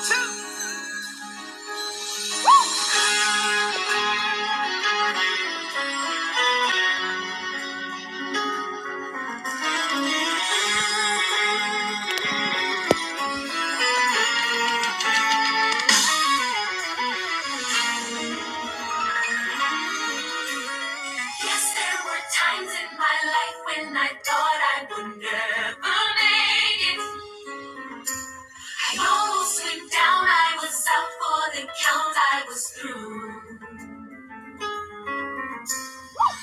Yes, there were times in my life when I thought I would never make it. I almost went down, I was out for the count, I was through.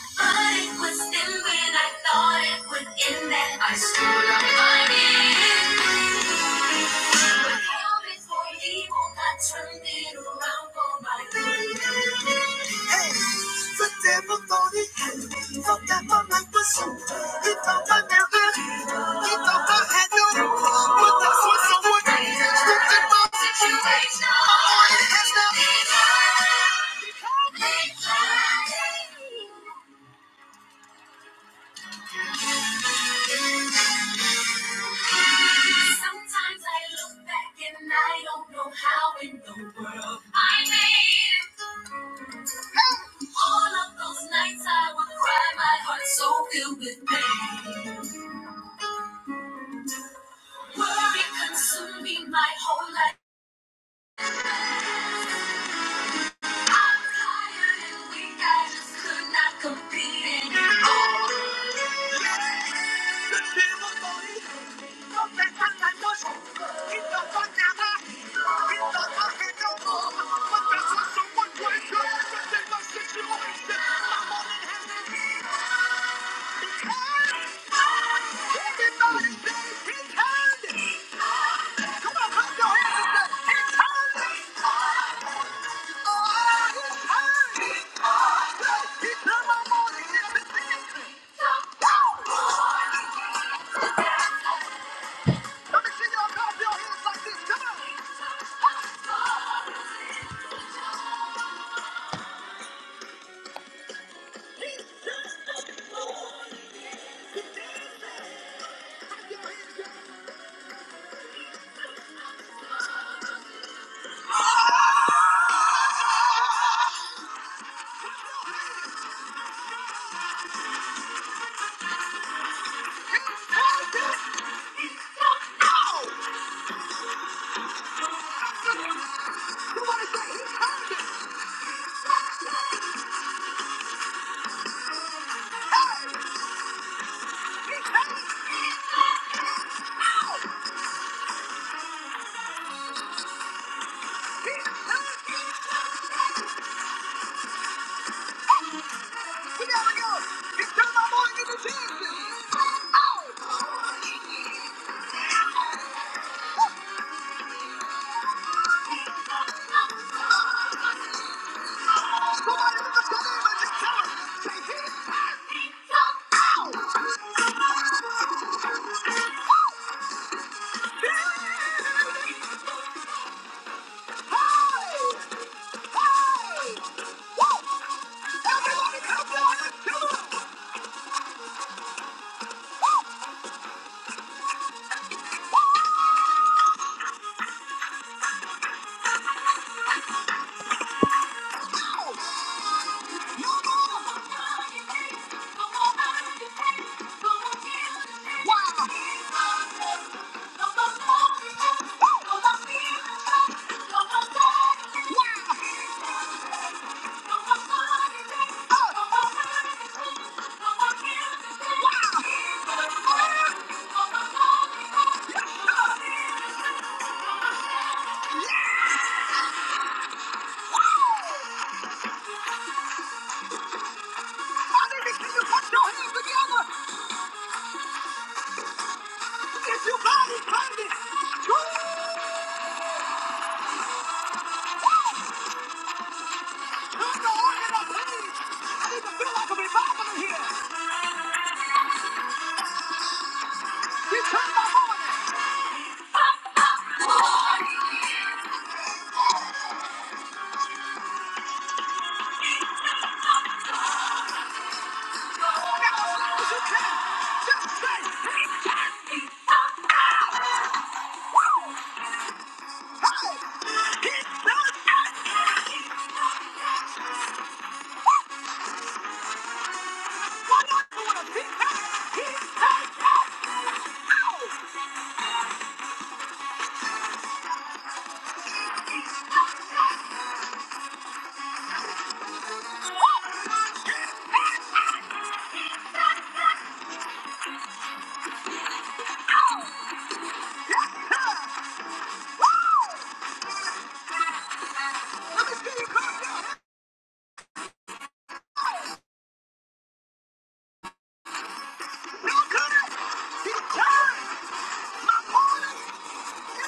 But it was then when I thought it would end that I stood up my head. But how before evil got turned it around for my good. Hey, the devil thought he had, thought that my life was over. He thought I never, he thought I had no hope. But that's what someone did. looked at my situation. My heart it has now. Sometimes I look back and I don't know how in the world I made it through. All of those nights I would cry, my heart so filled with pain. Worry consumed me my whole life. I'm tired and weak, I just could not compete anymore. the devil's body, no better than no show. It's the one that don't I'm one that I know. But that's not someone great. It's the same situation. Everybody say, it's handy. Come on, clap your hands and say, it's time! He turned my morning into singing. I'll clap your hands like this. We gotta go. He turned my morning into dancing. Ow! Somebody look at your neighbor and just Hey! Hey! Woo! Everybody clap your hands. Wow! Why did you put your hands together? It's your body, baby. He turned the morning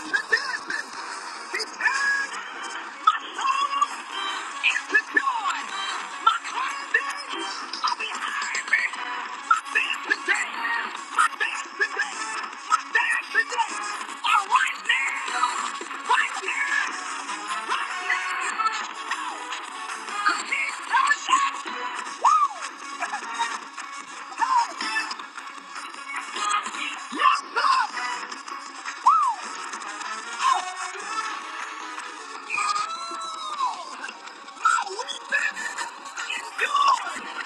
into dancing. My soul is secured. My confidence are behind me. My dance today, my dance today, my dance today are right now, right here, right now. 'Cause he's coming back. Woo! Yes, sir. Woo! Oh, my weakness is good.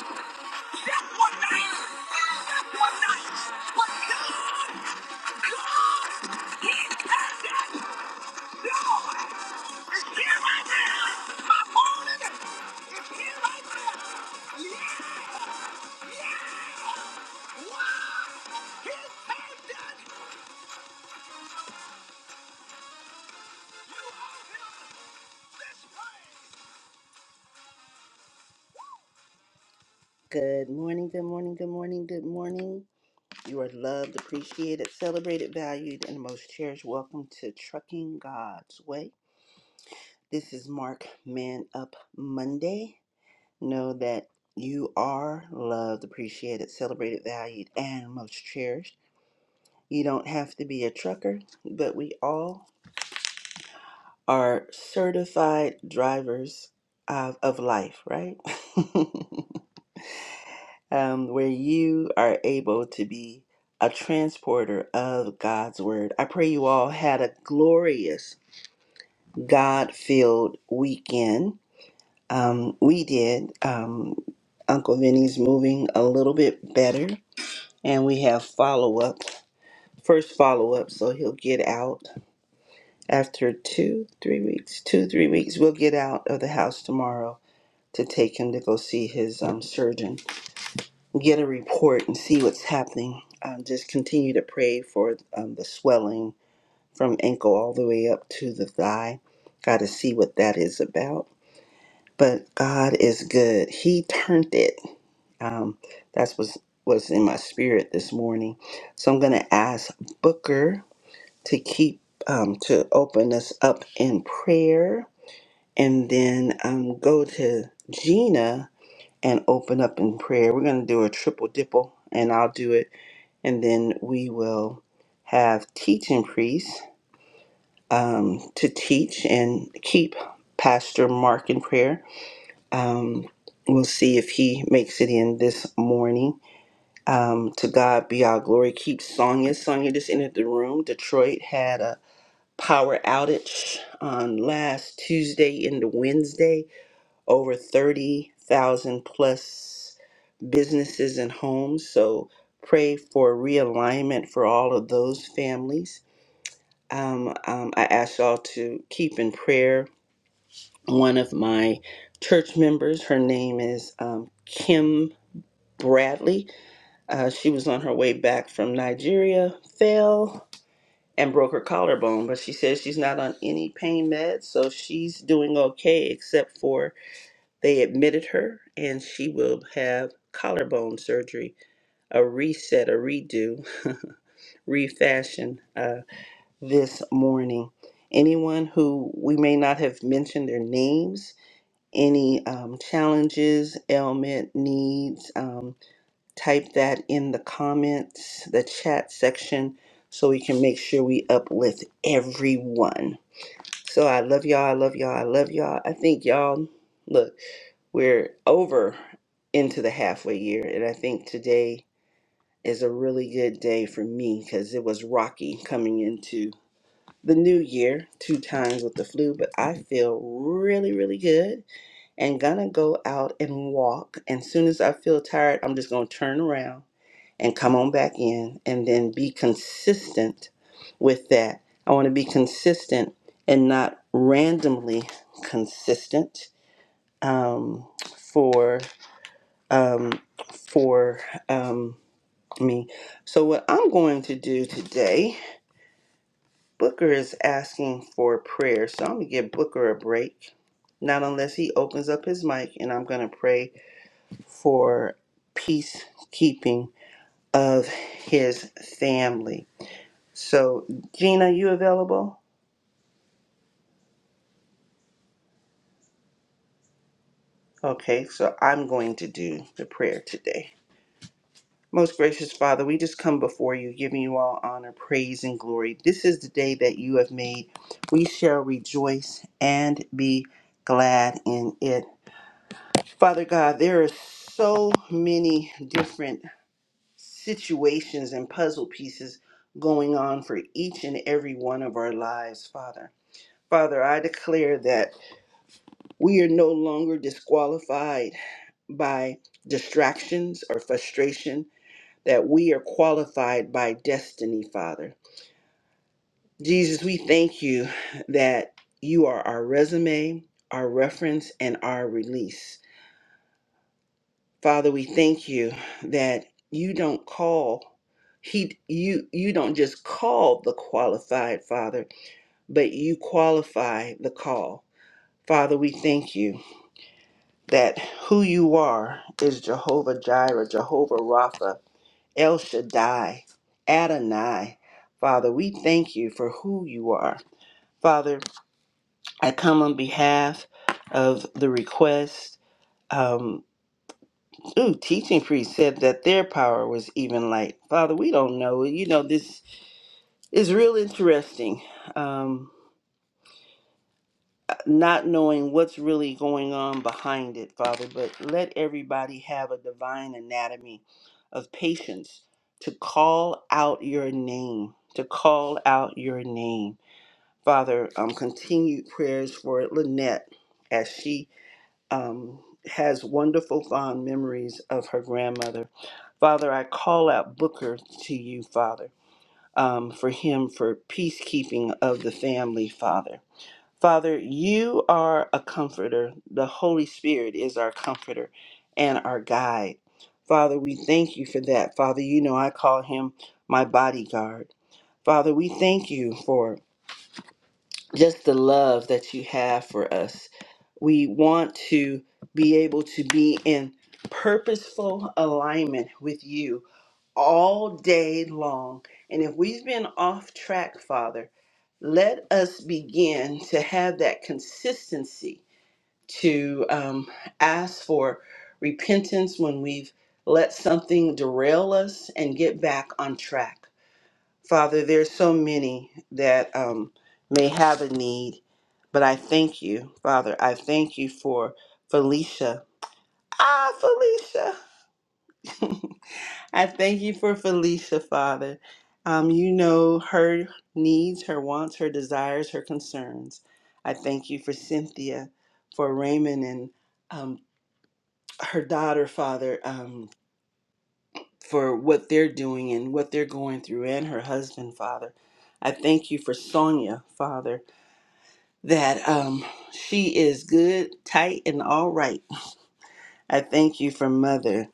No. right right Yeah. Yeah. Good morning, good morning, good morning, good morning. You are loved, appreciated, celebrated, valued, and most cherished. Welcome to Trucking God's Way. This is Mark Man Up Monday. Know that you are loved, appreciated, celebrated, valued, and most cherished. You don't have to be a trucker, but we all are certified drivers of, of life, right? um, where you are able to be a transporter of God's word. I pray you all had a glorious God filled weekend. Um, we did. Um, Uncle Vinny's moving a little bit better. and we have follow up, first follow up. So he'll get out after two, three weeks, two, three weeks. We'll get out of the house tomorrow to take him to go see his um, surgeon, get a report, and see what's happening. Um, just continue to pray for um, the swelling from ankle all the way up to the thigh. Got to see what that is about. But God is good. He turned it. Um, that's what was in my spirit this morning. So I'm going to ask Booker to keep um, to open us up in prayer and then um, go to gina and open up in prayer we're going to do a triple dipple and i'll do it and then we will have teaching priests um, to teach and keep pastor mark in prayer um, we'll see if he makes it in this morning um, to god be our glory keep sonia sonia just entered the room detroit had a power outage on last Tuesday into Wednesday. Over 30,000 plus businesses and homes. So pray for realignment for all of those families. Um, um, I ask y'all to keep in prayer one of my church members. Her name is um, Kim Bradley. Uh, she was on her way back from Nigeria, fell. and broke her collarbone, but she says she's not on any pain meds, so she's doing okay, except for they admitted her and she will have collarbone surgery, a reset, a redo, refashion uh, this morning. Anyone who we may not have mentioned their names, any um, challenges, ailment, needs, um, type that in the comments, the chat section, so we can make sure we uplift everyone. So I love y'all. I love y'all. I love y'all. I think y'all, look, we're over into the halfway year. And I think today is a really good day for me because it was rocky coming into the new year two times with the flu. But I feel really, really good and gonna go out and walk. And soon as I feel tired, I'm just gonna turn around and come on back in and then be consistent with that. I want to be consistent and not randomly consistent um, for um, for um, me. So what I'm going to do today, Booker is asking for prayer, so I'm gonna give Booker a break. Not unless he opens up his mic, and I'm gonna pray for peacekeeping of his family. So, Gina, you available? Okay, so I'm going to do the prayer today. Most gracious Father, we just come before you, giving you all honor, praise, and glory. This is the day that you have made. We shall rejoice and be glad in it. Father God, there are so many different situations and puzzle pieces going on for each and every one of our lives, Father. Father, I declare that we are no longer disqualified by distractions or frustration, that we are qualified by destiny, Father. Jesus, we thank you that you are our resume, our reference, and our release. Father, we thank you that you don't call he you you don't just call the qualified father but you qualify the call father we thank you that who you are is jehovah jireh jehovah rapha El Shaddai, Adonai. Father, we thank you for who you are. Father, I come on behalf of the request. Um, ooh, teaching priest said that their power was even light. Father, we don't know. You know, this is real interesting. Um, not knowing what's really going on behind it, Father, but let everybody have a divine anatomy of patience to call out your name, to call out your name. Father, um, continued prayers for Lynette as she um, has wonderful, fond memories of her grandmother. Father, I call out Booker to you, Father, um, for him, for peacekeeping of the family, Father. Father, you are a comforter. The Holy Spirit is our comforter and our guide. Father, we thank you for that. Father, you know I call him my bodyguard. Father, we thank you for just the love that you have for us. We want to be able to be in purposeful alignment with you all day long. And if we've been off track, Father, let us begin to have that consistency to um, ask for repentance when we've let something derail us and get back on track. Father, there's so many that um, may have a need, but I thank you, Father. I thank you for Felicia. Ah, Felicia. I thank you for Felicia, Father. Um, you know her needs, her wants, her desires, her concerns. I thank you for Cynthia, for Raymond, and um, her daughter, Father, um, for what they're doing and what they're going through, and her husband, Father. I thank you for Sonia, Father, that um, she is good, tight, and all right. I thank you for Mother.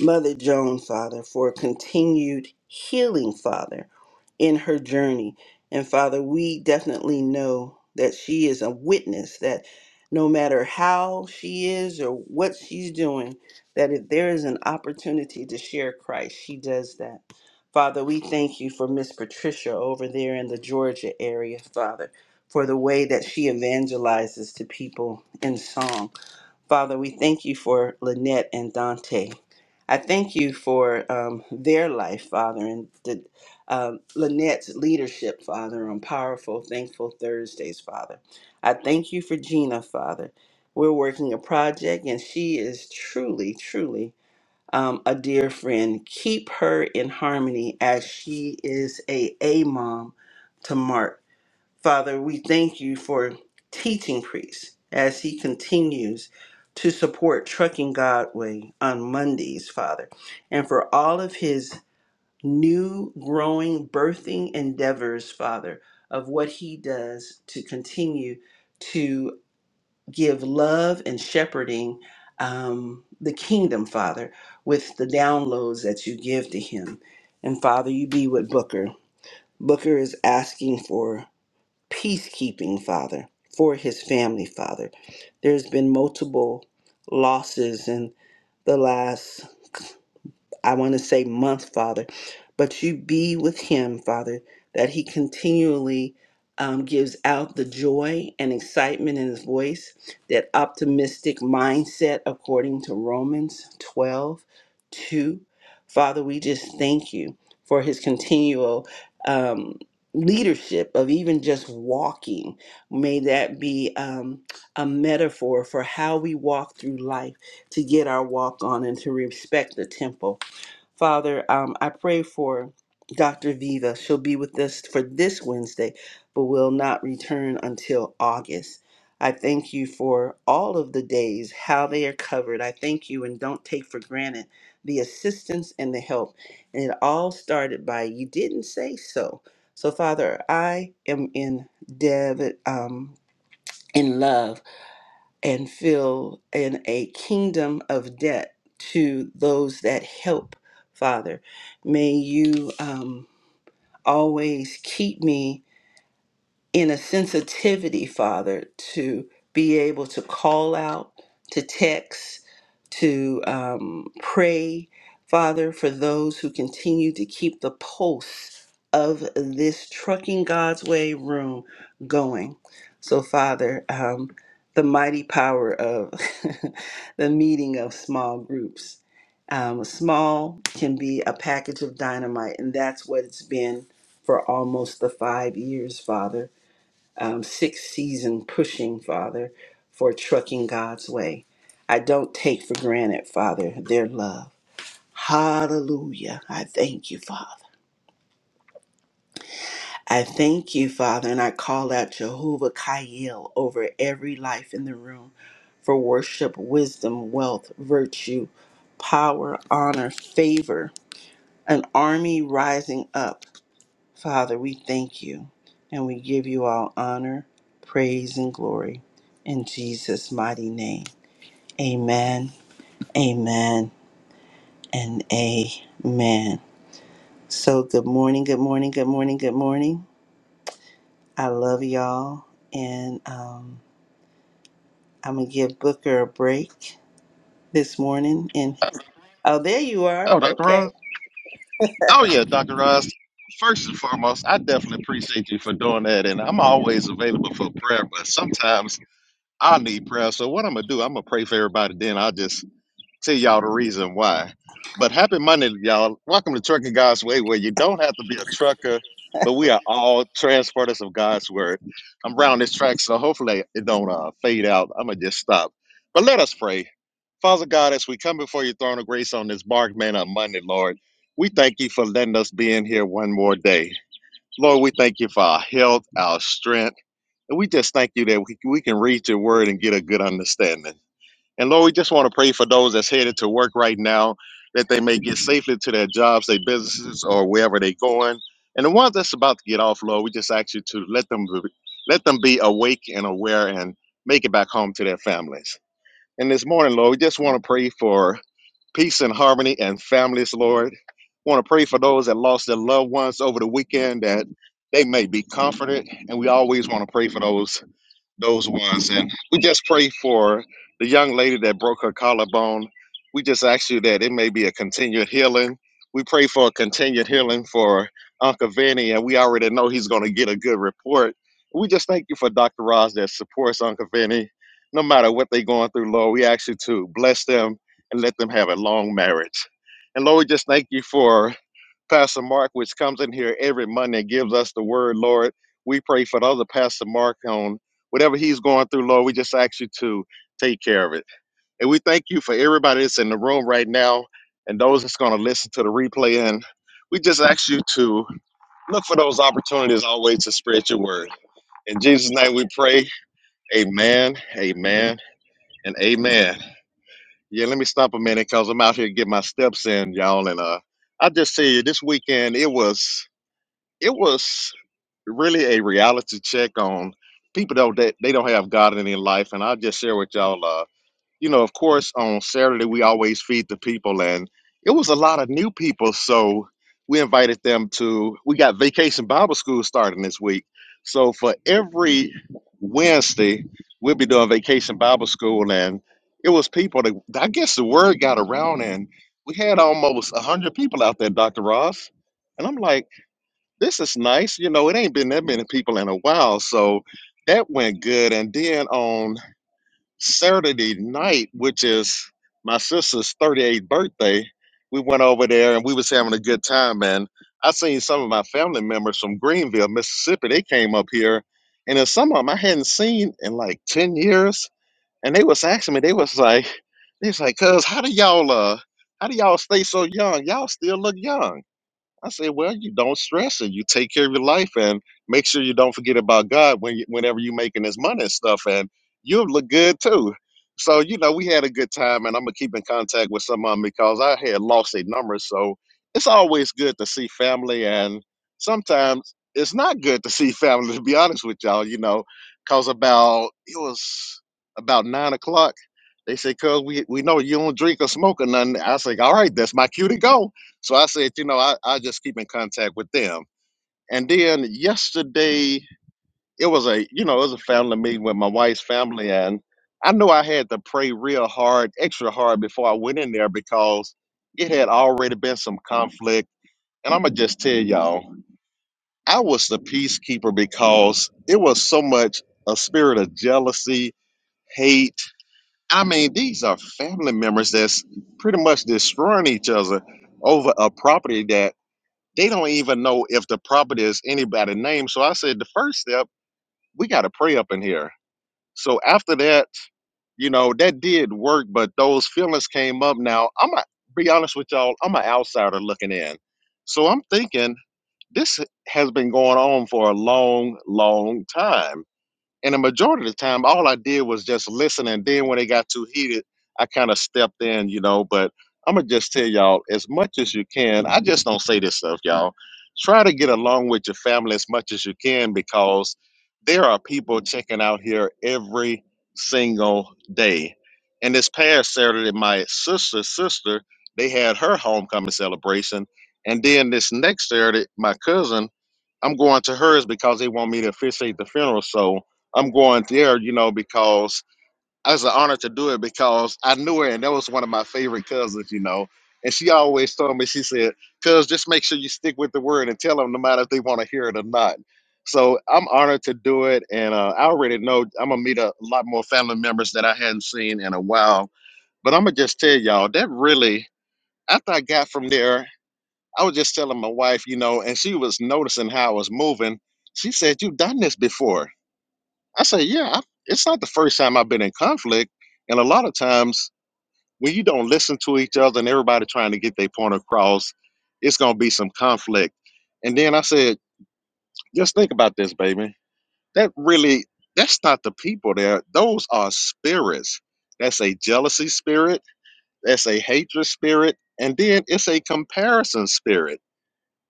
Mother Joan, Father, for continued healing, Father, in her journey. And Father, we definitely know that she is a witness that no matter how she is or what she's doing, that if there is an opportunity to share Christ, she does that. Father, we thank you for Miss Patricia over there in the Georgia area, Father, for the way that she evangelizes to people in song. Father, we thank you for Lynette and Dante. I thank you for um, their life, Father, and the, um Lynette's leadership, Father, on Powerful, Thankful Thursdays, Father. I thank you for Gina, Father. We're working a project, and she is truly, truly um, a dear friend. Keep her in harmony as she is a A mom to Mark. Father, we thank you for teaching Priest as he continues to support Trucking Godway on Mondays, Father, and for all of his new, growing, birthing endeavors, Father, of what he does to continue to give love and shepherding um, the kingdom, Father, with the downloads that you give to him. And Father, you be with Booker. Booker is asking for peacekeeping, Father, for his family, Father. There's been multiple losses in the last I want to say month, Father, but you be with him, Father, that he continually um, gives out the joy and excitement in his voice, that optimistic mindset according to Romans 12 2, Father, we just thank you for his continual um, leadership of even just walking. May that be um, a metaphor for how we walk through life to get our walk on and to respect the temple Father, um, I pray for Dr. Viva. She'll be with us for this Wednesday, but will not return until August. I thank you for all of the days, how they are covered. I thank you and don't take for granted the assistance and the help. And it all started by you didn't say so. So, Father, I am in David, um, in love and fill in a kingdom of debt to those that help, Father. May you um, always keep me in a sensitivity, Father, to be able to call out, to text, to um, pray, Father, for those who continue to keep the pulse of this Trucking God's Way room going. So, Father, um, the mighty power of the meeting of small groups. Um, small can be a package of dynamite, and that's what it's been for almost the five years, Father um, sixth season pushing, Father, for trucking God's way. I don't take for granted, Father, their love. Hallelujah. I thank you, Father. I thank you, Father, and I call out Jehovah Kael over every life in the room for worship, wisdom, wealth, virtue, power, honor, favor, an army rising up Father, we thank you and we give you all honor, praise, and glory in Jesus' mighty name. Amen, amen, and amen. So, good morning, good morning, good morning, good morning. I love y'all, and um, I'm gonna give Booker a break this morning. And oh, there you are. Oh, Dr. Ross? Okay. Oh, yeah, Dr. Ross. First and foremost, I definitely appreciate you for doing that. And I'm always available for prayer, but sometimes I need prayer. So, what I'm going to do, I'm going to pray for everybody. Then I'll just tell y'all the reason why. But happy Monday, y'all. Welcome to Trucking God's Way, where you don't have to be a trucker, but we are all transporters of God's word. I'm round this track, so hopefully it don't uh, fade out. I'm gonna just stop. But let us pray. Father God, as we come before your throne of grace on this bark man on Monday, Lord, we thank you for letting us be in here one more day. Lord, we thank you for our health, our strength, and we just thank you that we, we can read your word and get a good understanding. And Lord, we just want to pray for those that's headed to work right now that they may get safely to their jobs, their businesses, or wherever they're going. And the ones that's about to get off, Lord, we just ask you to let them be, let them be awake and aware and make it back home to their families. And this morning, Lord, we just want to pray for peace and harmony and families, Lord. want to pray for those that lost their loved ones over the weekend that they may be comforted. And we always want to pray for those those ones. And we just pray for the young lady that broke her collarbone. We just ask you that it may be a continued healing. We pray for a continued healing for Uncle Vinny, and we already know he's going to get a good report. We just thank you for Dr. Roz that supports Uncle Vinny, no matter what they're going through, Lord. We ask you to bless them and let them have a long marriage. And Lord, we just thank you for Pastor Mark, which comes in here every Monday and gives us the word, Lord. We pray for the other Pastor Mark on whatever he's going through, Lord. We just ask you to take care of it. And we thank you for everybody that's in the room right now and those that's going to listen to the replay. And we just ask you to look for those opportunities always to spread your word. In Jesus' name we pray. Amen, amen, and amen. Yeah, let me stop a minute because I'm out here to get my steps in, y'all. And uh, I just see you this weekend, it was it was really a reality check on people though that they don't have God in their life. And I'll just share with y'all, uh, you know, of course on Saturday we always feed the people and it was a lot of new people. So we invited them to we got vacation Bible school starting this week. So for every Wednesday, we'll be doing vacation Bible school and it was people that I guess the word got around and we had almost a hundred people out there, Dr. Ross. And I'm like, this is nice. You know, it ain't been that many people in a while. So that went good. And then on Saturday night, which is my sister's 38th birthday, we went over there and we was having a good time. And I seen some of my family members from Greenville, Mississippi. They came up here. And then some of them I hadn't seen in like 10 years. And they was asking me, they was like, they was like, cuz how do y'all uh how do y'all stay so young? Y'all still look young. I said, well, you don't stress it. You take care of your life and make sure you don't forget about God when you, whenever you're making this money and stuff. And you look good too. So, you know, we had a good time and I'm going to keep in contact with some of them because I had lost their numbers. So it's always good to see family. And sometimes it's not good to see family, to be honest with y'all, you know, because about, it was about nine o'clock they said, "Cuz we we know you don't drink or smoke or nothing." I said, "All right, that's my cue to go." So I said, "You know, I I just keep in contact with them." And then yesterday, it was a you know it was a family meeting with my wife's family, and I knew I had to pray real hard, extra hard before I went in there because it had already been some conflict. And I'm gonna just tell y'all, I was the peacekeeper because it was so much a spirit of jealousy, hate I mean, these are family members that's pretty much destroying each other over a property that they don't even know if the property is anybody's name. So I said, the first step, we got to pray up in here. So after that, you know, that did work, but those feelings came up. Now, I'm going to be honest with y'all, I'm an outsider looking in. So I'm thinking, this has been going on for a long, long time and the majority of the time, all I did was just listen. And then when it got too heated, I kind of stepped in, you know. But I'm going to just tell y'all as much as you can. I just don't say this stuff, y'all. Try to get along with your family as much as you can because there are people checking out here every single day. And this past Saturday, my sister's sister, they had her homecoming celebration. And then this next Saturday, my cousin, I'm going to hers because they want me to officiate the funeral. So I'm going there, you know, because it's an honor to do it because I knew her and that was one of my favorite cousins, you know. And she always told me, she said, cuz just make sure you stick with the word and tell them no matter if they want to hear it or not. So I'm honored to do it. And uh, I already know I'm going to meet a lot more family members that I hadn't seen in a while. But I'm going to just tell y'all that really, after I got from there I was just telling my wife, you know, and she was noticing how I was moving. She said, You've done this before. I said, Yeah, I, it's not the first time I've been in conflict. And a lot of times when you don't listen to each other and everybody trying to get their point across, it's going to be some conflict. And then I said, Just think about this, baby. That really, that's not the people there. Those are spirits. That's a jealousy spirit, that's a hatred spirit, and then it's a comparison spirit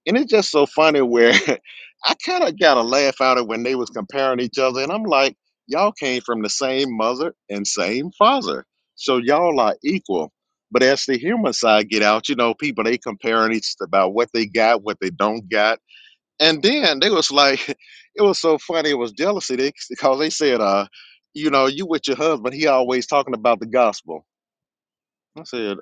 And it's just so funny where I kind of got a laugh out of when they was comparing each other, and I'm like, y'all came from the same mother and same father, so y'all are equal. But as the human side get out, you know, people they comparing each about what they got, what they don't got, and then they was like, it was so funny. It was jealousy they, because they said, uh, you know, you with your husband, he always talking about the gospel. I said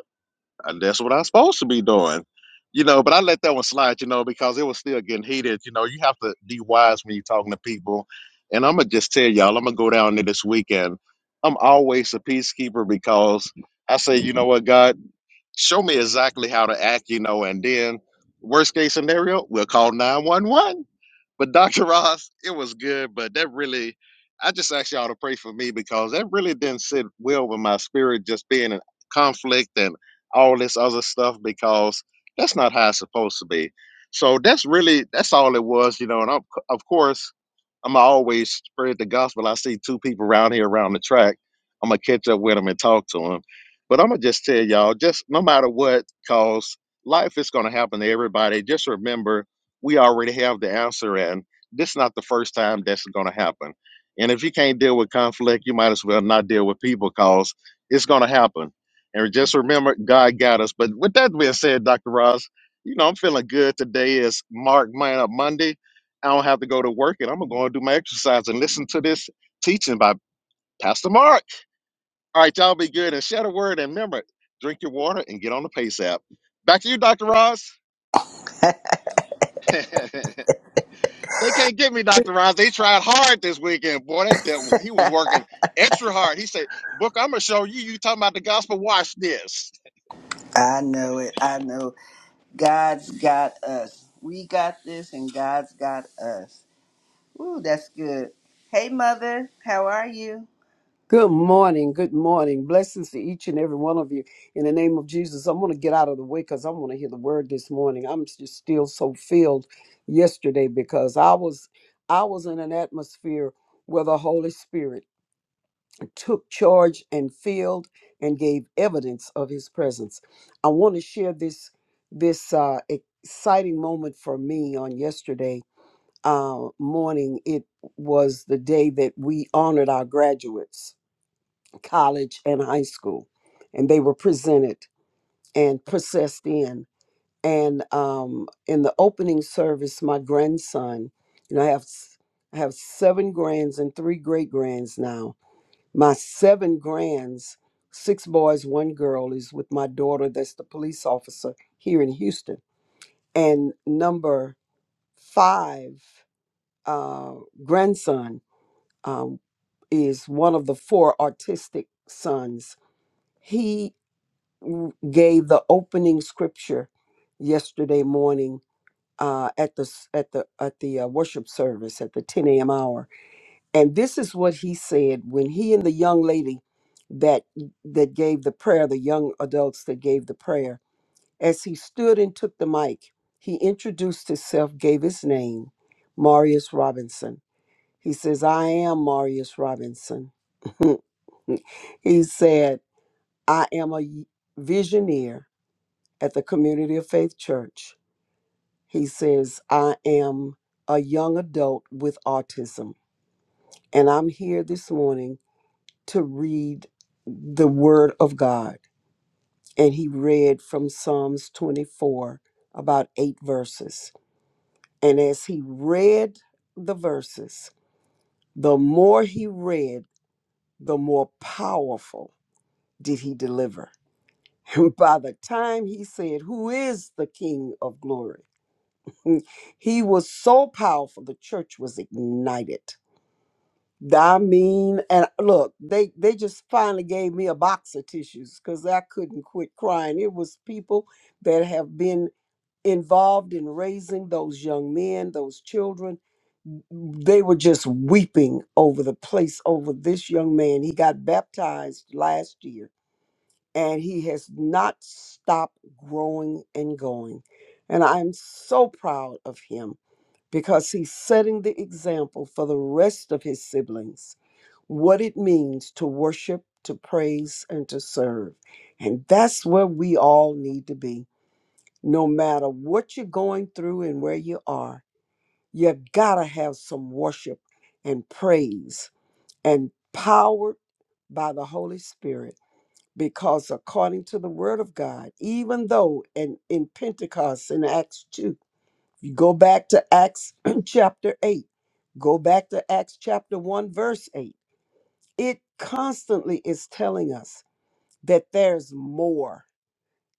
and that's what I'm supposed to be doing. You know, but I let that one slide, you know, because it was still getting heated. You know, you have to be wise when you're talking to people. And I'm going to just tell y'all, I'm going to go down there this weekend. I'm always a peacekeeper because I say, you know what, God, show me exactly how to act, you know, and then worst case scenario, we'll call 911 but Dr. Ross, it was good, but that really, I just asked y'all to pray for me because that really didn't sit well with my spirit, just being in conflict and all this other stuff, because that's not how it's supposed to be. So that's really, that's all it was, you know. And of, of course, I'm always spread the gospel. I see two people around here around the track. I'm gonna catch up with them and talk to them. But I'm gonna just tell y'all, just no matter what, cause life is gonna happen to everybody. Just remember, we already have the answer, and this is not the first time that's gonna happen. And if you can't deal with conflict, you might as well not deal with people, cause it's gonna happen. And just remember, God got us. But with that being said, Dr. Ross, you know I'm feeling good today. Is Mark Man Up Monday I don't have to go to work and I'm gonna go and do my exercise and listen to this teaching by Pastor Mark. All right, y'all be good and share the word and remember, drink your water and get on the pace app. Back to you, Dr. Ross. they can't get me, Dr. Ross. They tried hard this weekend. Boy, that devil, he was working extra hard. He said, Book, I'm gonna show you. You talking about the gospel, watch this. I know it. I know. God's got us. We got this, and God's got us. Ooh, that's good. Hey, Mother, how are you? Good morning. Good morning. Blessings to each and every one of you. In the name of Jesus, I want to get out of the way because I want to hear the word this morning. I'm just still so filled yesterday because I was I was in an atmosphere where the Holy Spirit took charge and filled and gave evidence of his presence. I want to share this this uh exciting moment for me on yesterday uh morning. It was the day that we honored our graduates college and high school and they were presented and processed in and um, in the opening service my grandson you know i have s- i have seven grands and three great grands now my seven grands six boys one girl is with my daughter that's the police officer here in houston and number five uh, grandson um, is one of the four autistic sons. He gave the opening scripture yesterday morning uh, at the s- at the at the uh, worship service at the 10 a.m. hour, and this is what he said when he and the young lady that that gave the prayer, the young adults that gave the prayer, as he stood and took the mic, he introduced himself, gave his name, Marius Robinson. He says, "I am Marius Robinson." he said, "I am a visioneer." at the Community of Faith Church. He says, I am a young adult with autism, and I'm here this morning to read the Word of God. And he read from Psalms 24, about eight verses. And as he read the verses, the more he read, the more powerful did he deliver. And by the time he said, Who is the King of glory? Mm. He was so powerful, the church was ignited. I mean, and look, they they just finally gave me a box of tissues because I couldn't quit crying. It was people that have been involved in raising those young men, those children. They were just weeping over the place, over this young man. He got baptized last year, and he has not stopped growing and going. And I'm so proud of him because he's setting the example for the rest of his siblings what it means to worship, to praise, and to serve. And that's where we all need to be. No matter what you're going through and where you are, you gotta have some worship and praise and powered by the Holy Spirit. Because according to the Word of God, even though in, in Pentecost in Acts 2, you go back to Acts chapter 8, go back to Acts chapter 1, verse 8. It constantly is telling us that there's more,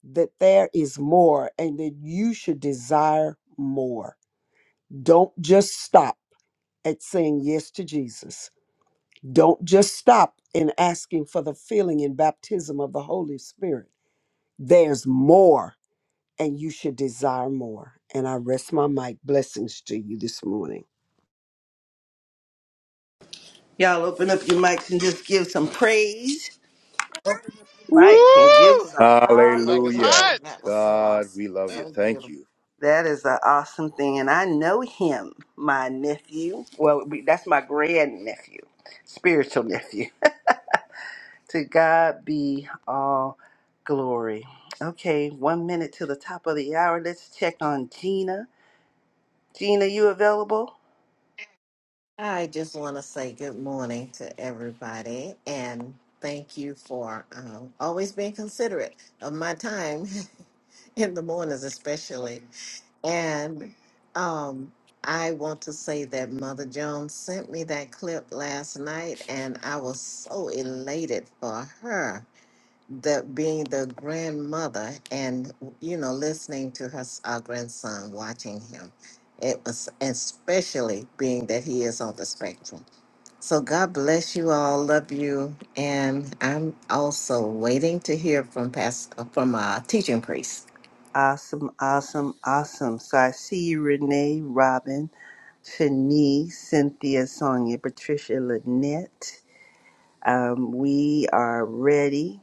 that there is more, and that you should desire more. Don't just stop at saying yes to Jesus. Don't just stop in asking for the filling and baptism of the Holy Spirit. There's more, and you should desire more. And I rest my mic. Blessings to you this morning. Y'all open up your mics and just give some praise. Woo! Mike can give some. Mike is Hallelujah. Hallelujah. hot. That was so God, awesome. we love you. So Thank beautiful. you. That is an awesome thing. And I know him, my nephew. Well, we- that's my grand nephew, spiritual nephew. to God be all glory. Okay, one minute to the top of the hour. Let's check on Gina. Gina, you available? I just want to say good morning to everybody and thank you for um, always being considerate of my time in the mornings, especially. And um, I want to say that Mother Jones sent me that clip last night and I was so elated for her the being the grandmother and you know listening to her s- our grandson watching him it was especially being that he is on the spectrum so god bless you all love you and i'm also waiting to hear from past from uh, teaching priest Awesome, awesome, awesome. So I see you, Renee, Robin, Shanice, Cynthia, Sonia, Patricia, Lynette. Um, we are ready.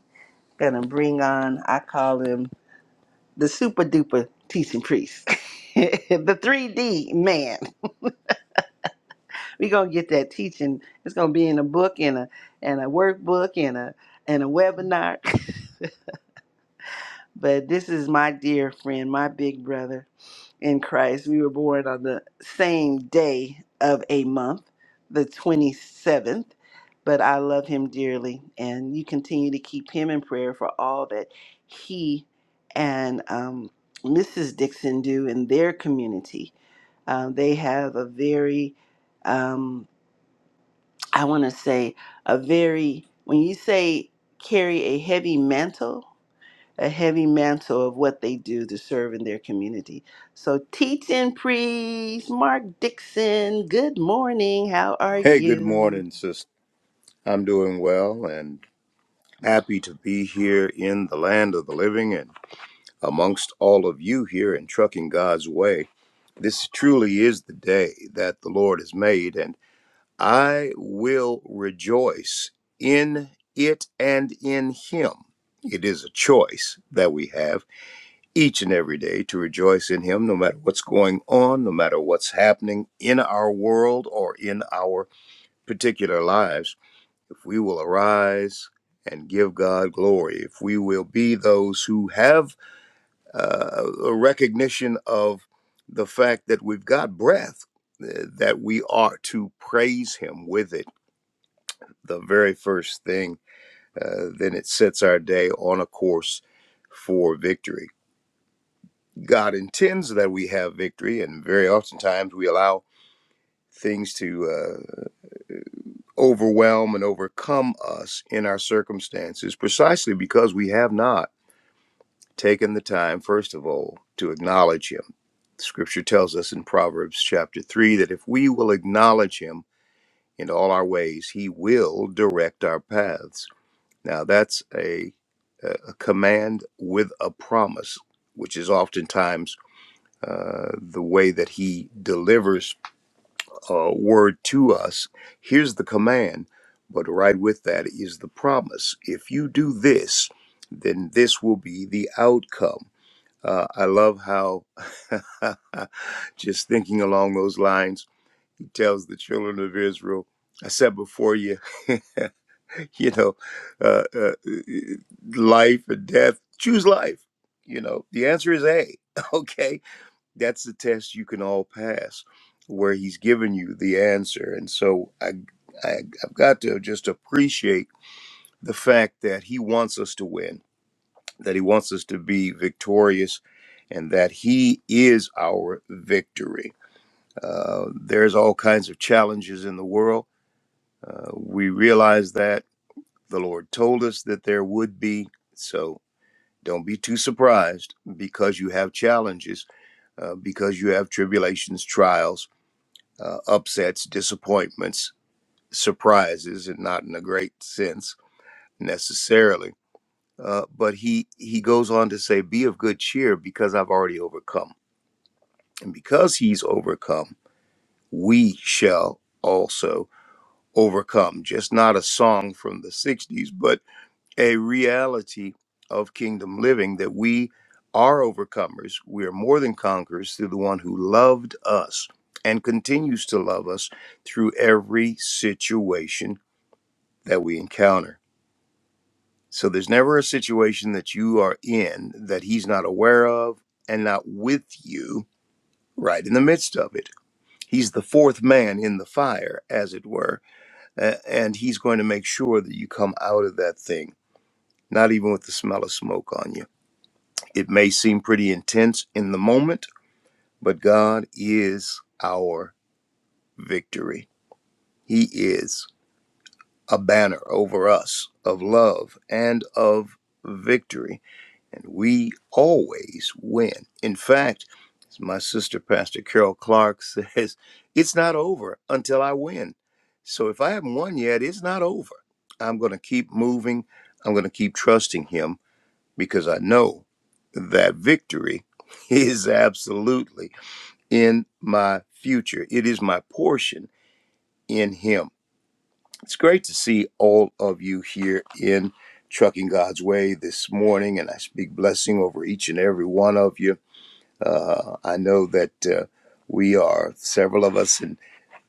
Gonna bring on, I call him the super duper teaching priest, the 3D man. We're gonna get that teaching. It's gonna be in a book, in a and a workbook, in a and a webinar. but this is my dear friend, my big brother. in Christ. We were born on the same day of a month, the 27th. But I love him dearly, and you continue to keep him in prayer for all that he and um, Mrs. Dixon do in their community. Um, they have a very, um, I want to say, a very, when you say carry a heavy mantle, a heavy mantle of what they do to serve in their community. So, teach and preach, Mark Dixon, good morning. How are Hey, good you? morning, sister. I'm doing well and happy to be here in the land of the living and amongst all of you here in Trucking God's Way. This truly is the day that the Lord has made, and I will rejoice in it and in Him. It is a choice that we have each and every day to rejoice in Him, no matter what's going on, no matter what's happening in our world or in our particular lives. If we will arise and give God glory, if we will be those who have uh, a recognition of the fact that we've got breath, uh, that we ought to praise Him with it, the very first thing, uh, then it sets our day on a course for victory. God intends that we have victory, and very oftentimes we allow things to uh, overwhelm and overcome us in our circumstances precisely because we have not taken the time, first of all, to acknowledge Him. Scripture tells us in Proverbs chapter 3 that if we will acknowledge Him in all our ways, He will direct our paths. Now, that's a, a command with a promise, which is oftentimes uh, the way that he delivers uh, word to us. Here's the command, but right with that is the promise. If you do this, then this will be the outcome. Uh, I love how, just thinking along those lines, he tells the children of Israel, I said before you, you know, uh, uh, life and death, choose life. You know, the answer is A. Okay that's the test you can all pass where he's given you the answer and so I, I i've got to just appreciate the fact that he wants us to win that he wants us to be victorious and that he is our victory uh, there's all kinds of challenges in the world uh, we realize that the lord told us that there would be so don't be too surprised because you have challenges uh, because you have tribulations trials uh, upsets, disappointments, surprises, and not in a great sense necessarily. Uh, but he he goes on to say, "Be of good cheer, because I've already overcome, and because He's overcome, we shall also overcome." Just not a song from the '60s, but a reality of kingdom living that we are overcomers. We are more than conquerors through the one who loved us and continues to love us through every situation that we encounter. So there's never a situation that you are in that he's not aware of and not with you right in the midst of it. He's the fourth man in the fire, as it were, a- and he's going to make sure that you come out of that thing, not even with the smell of smoke on you. It may seem pretty intense in the moment, but God is our victory. He is a banner over us of love and of victory, and we always win. In fact, as my sister, Pastor Carol Clark, says, it's not over until I win. So if I haven't won yet, it's not over. I'm going to keep moving. I'm going to keep trusting Him because I know that victory is absolutely in my future. It is my portion in Him. It's great to see all of you here in Trucking God's Way this morning, and I speak blessing over each and every one of you. Uh, I know that uh, we are several of us and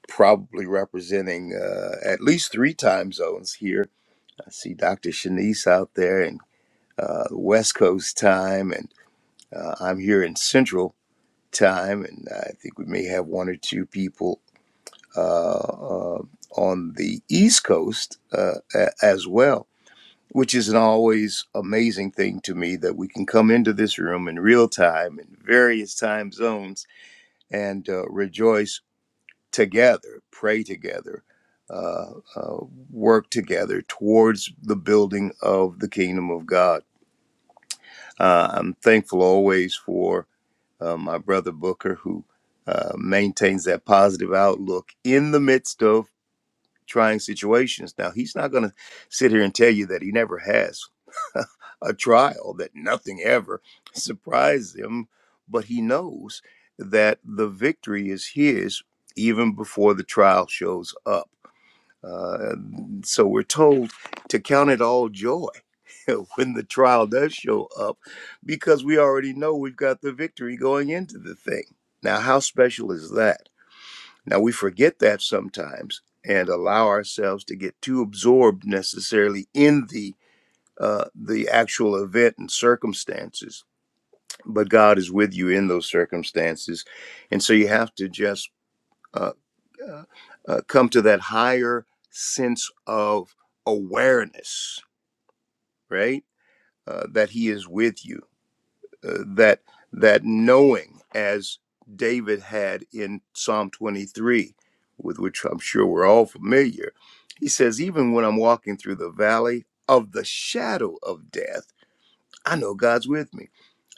probably representing uh, at least three time zones here. I see Dr. Shanice out there and uh, West Coast time, and Uh, I'm here in Central Time, and I think we may have one or two people uh, uh, on the East Coast uh, a- as well, which is an always amazing thing to me that we can come into this room in real time in various time zones and uh, rejoice together, pray together. Uh, uh, work together towards the building of the kingdom of God. Uh, I'm thankful always for uh, my brother Booker, who uh, maintains that positive outlook in the midst of trying situations. Now, he's not going to sit here and tell you that he never has a trial, that nothing ever surprises him, but he knows that the victory is his even before the trial shows up uh, so we're told to count it all joy when the trial does show up because we already know we've got the victory going into the thing. Now, how special is that? Now, we forget that sometimes and allow ourselves to get too absorbed necessarily in the uh, the actual event and circumstances, but God is with you in those circumstances, and so you have to just uh, uh, uh, come to that higher sense of awareness, right? Uh, that He is with you, uh, that that knowing, as David had in Psalm 23, with which I'm sure we're all familiar. He says, even when I'm walking through the valley of the shadow of death. I know God's with me.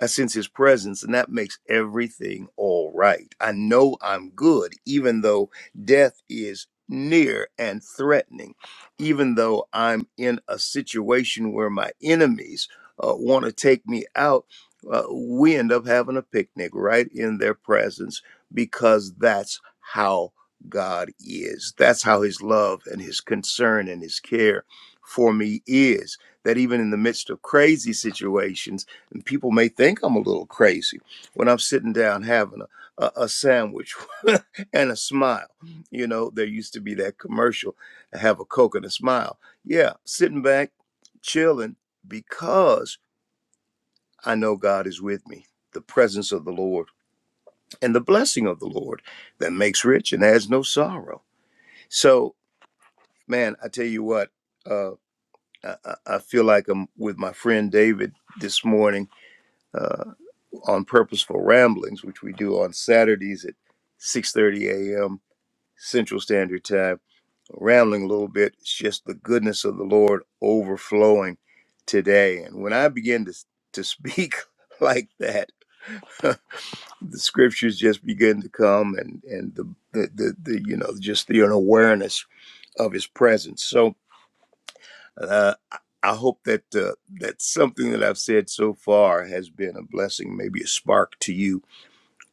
I sense his presence, and that makes everything all right. I know I'm good, even though death is near and threatening, even though I'm in a situation where my enemies uh, want to take me out. Uh, we end up having a picnic right in their presence because that's how God is. That's how his love and his concern and his care for me is that even in the midst of crazy situations, and people may think I'm a little crazy when I'm sitting down having a, a, a sandwich and a smile. You know, there used to be that commercial, have a Coke and a smile. Yeah, sitting back, chilling, because I know God is with me. The presence of the Lord and the blessing of the Lord that makes rich and has no sorrow. So, man, I tell you what, uh, I, I I feel like I'm with my friend David this morning uh, on purposeful ramblings, which we do on Saturdays at 6:30 a.m. Central Standard Time. Rambling a little bit, it's just the goodness of the Lord overflowing today. And when I begin to to speak like that, the scriptures just begin to come, and and the the, the, the you know just the an awareness of His presence. So. Uh, I I hope that uh, that something that I've said so far has been a blessing, maybe a spark to you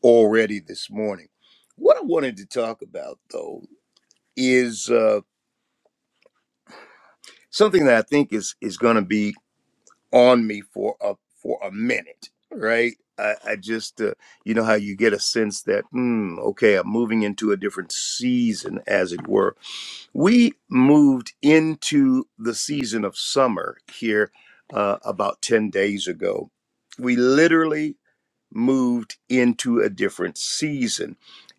already this morning. What I wanted to talk about though is uh, something that I think is is going to be on me for a for a minute, right? I, I just uh, you know how you get a sense that mm, okay, I'm moving into a different season, as it were. We moved into the season of summer here uh, about ten days ago. We literally moved into a different season.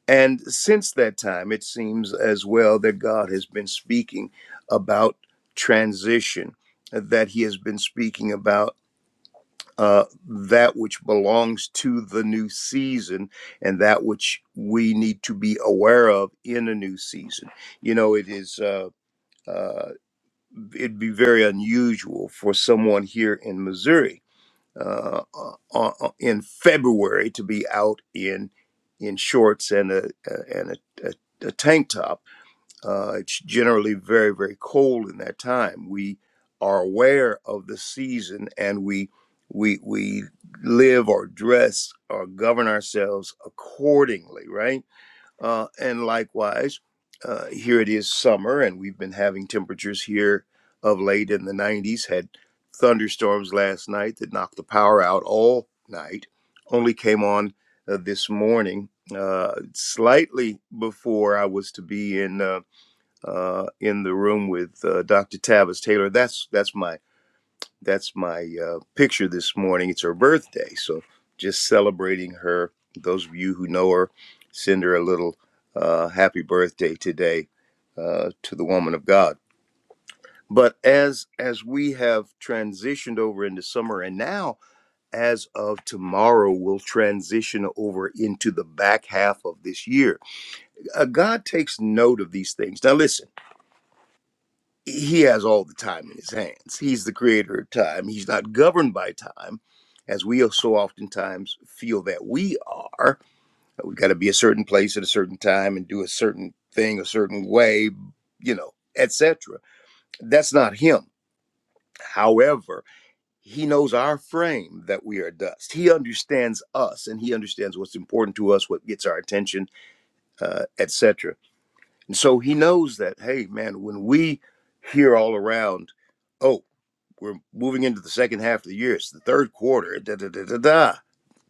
And since that time, it seems as well that God has been speaking about transition, that He has been speaking about uh, that which belongs to the new season and that which we need to be aware of in a new season. You know, it is, uh, uh, it'd be very unusual for someone here in Missouri uh, uh, uh, in February to be out in in shorts and a a- and a, a, a tank top. Uh, it's generally very very cold in that time. We are aware of the season and we we we live or dress or govern ourselves accordingly, right? Uh, and likewise, uh, here it is summer, and we've been having temperatures here of late in the 90s. Had thunderstorms last night that knocked the power out all night, only came on uh, this morning, uh, slightly before I was to be in. Uh, uh, in the room with uh, Dr. Tavis Taylor. That's that's my that's my uh, picture this morning. It's her birthday, so just celebrating her. Those of you who know her, send her a little uh, happy birthday today uh, to the woman of God. But as as we have transitioned over into summer, and now as of tomorrow, we'll transition over into the back half of this year. Uh, God takes note of these things. Now, listen. he has all the time in his hands. He's the creator of time. He's not governed by time, as we so oftentimes feel that we are. that We've got to be a certain place at a certain time and do a certain thing a certain way, you know, etc. That's not him. However, he knows our frame that we are dust. He understands us and he understands what's important to us, what gets our attention, uh, etc. And so he knows that, hey, man, when we hear all around, oh. we're moving into the second half of the year. It's the third quarter. Da da da da da.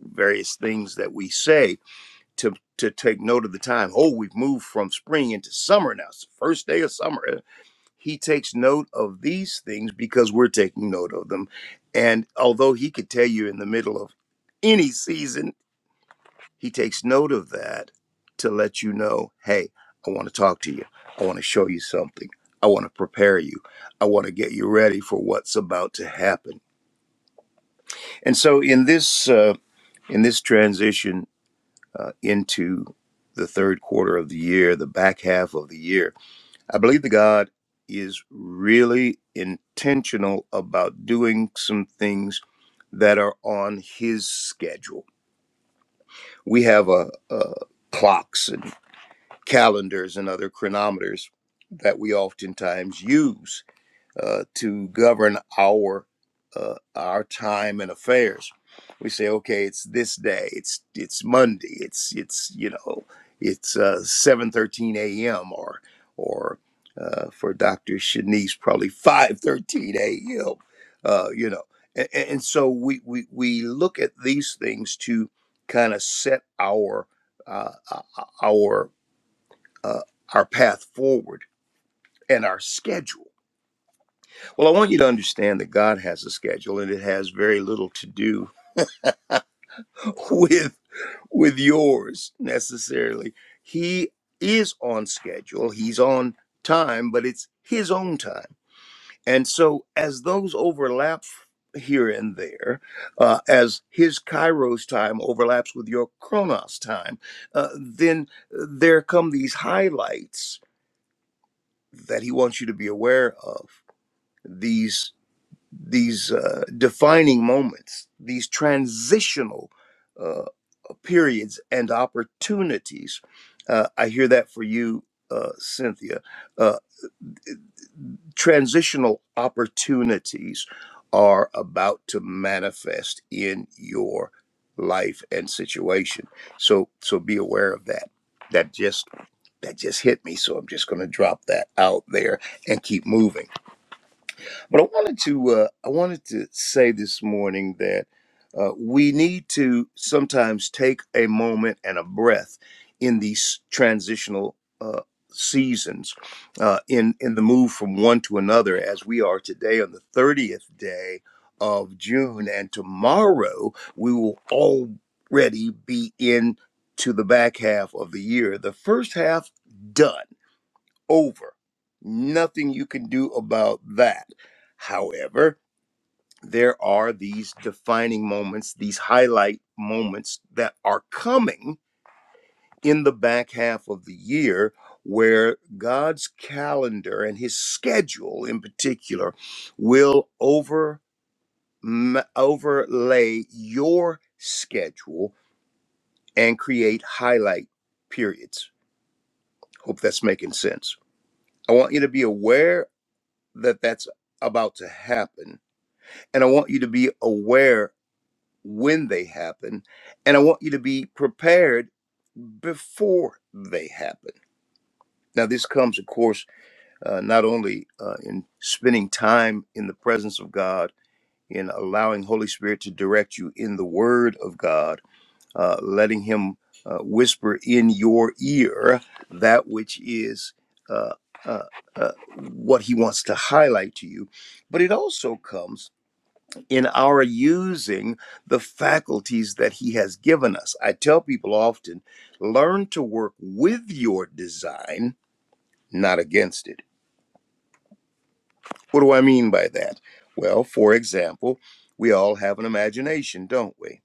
Various things that we say to to take note of the time. Oh, we've moved from spring into summer now. It's the first day of summer. He takes note of these things because we're taking note of them. And although he could tell you in the middle of any season, he takes note of that to let you know, hey, I want to talk to you. I want to show you something. I want to prepare you. I want to get you ready for what's about to happen and so in this uh, in this transition uh, into the third quarter of the year, the back half of the year, I believe that God is really intentional about doing some things that are on His schedule. We have uh uh clocks and calendars and other chronometers that we oftentimes use uh, to govern our uh, our time and affairs. We say, okay, it's this day, it's it's Monday, it's it's you know, it's uh, seven thirteen a.m. or or uh, for Doctor Shanice, probably five thirteen a.m. Uh, you know, and, and so we, we we look at these things to kind of set our uh, uh, our uh, our path forward and our schedule well, I want you to understand that God has a schedule and it has very little to do with with yours necessarily. He is on schedule, he's on time, but it's his own time. And so as those overlap here and there, uh, as his Kairos time overlaps with your Chronos time, uh, then there come these highlights that he wants you to be aware of. These. these uh, defining moments, these transitional uh, periods and opportunities. Uh, I hear that for you, uh, Cynthia. Uh, transitional opportunities are about to manifest in your life and situation. So, so be aware of that. That just that just hit me. So I'm just going to drop that out there and keep moving. But I wanted to uh, I wanted to say this morning that uh, we need to sometimes take a moment and a breath in these transitional uh, seasons, uh, in in the move from one to another, as we are today on the thirtieth day of June, and tomorrow we will already be in to the back half of the year. The first half done over. Nothing you can do about that. However, there are these defining moments, these highlight moments that are coming in the back half of the year where God's calendar and his schedule in particular will over m- overlay your schedule and create highlight periods. Hope that's making sense. I want you to be aware that that's about to happen. And I want you to be aware when they happen. And I want you to be prepared before they happen. Now, this comes, of course, uh, not only uh, in spending time in the presence of God, in allowing Holy Spirit to direct you in the Word of God, uh, letting Him uh, whisper in your ear that which is uh, uh, uh, what He wants to highlight to you, but it also comes in our using the faculties that He has given us. I tell people often learn to work with your design, not against it. What do I mean by that? Well, for example, we all have an imagination, don't we?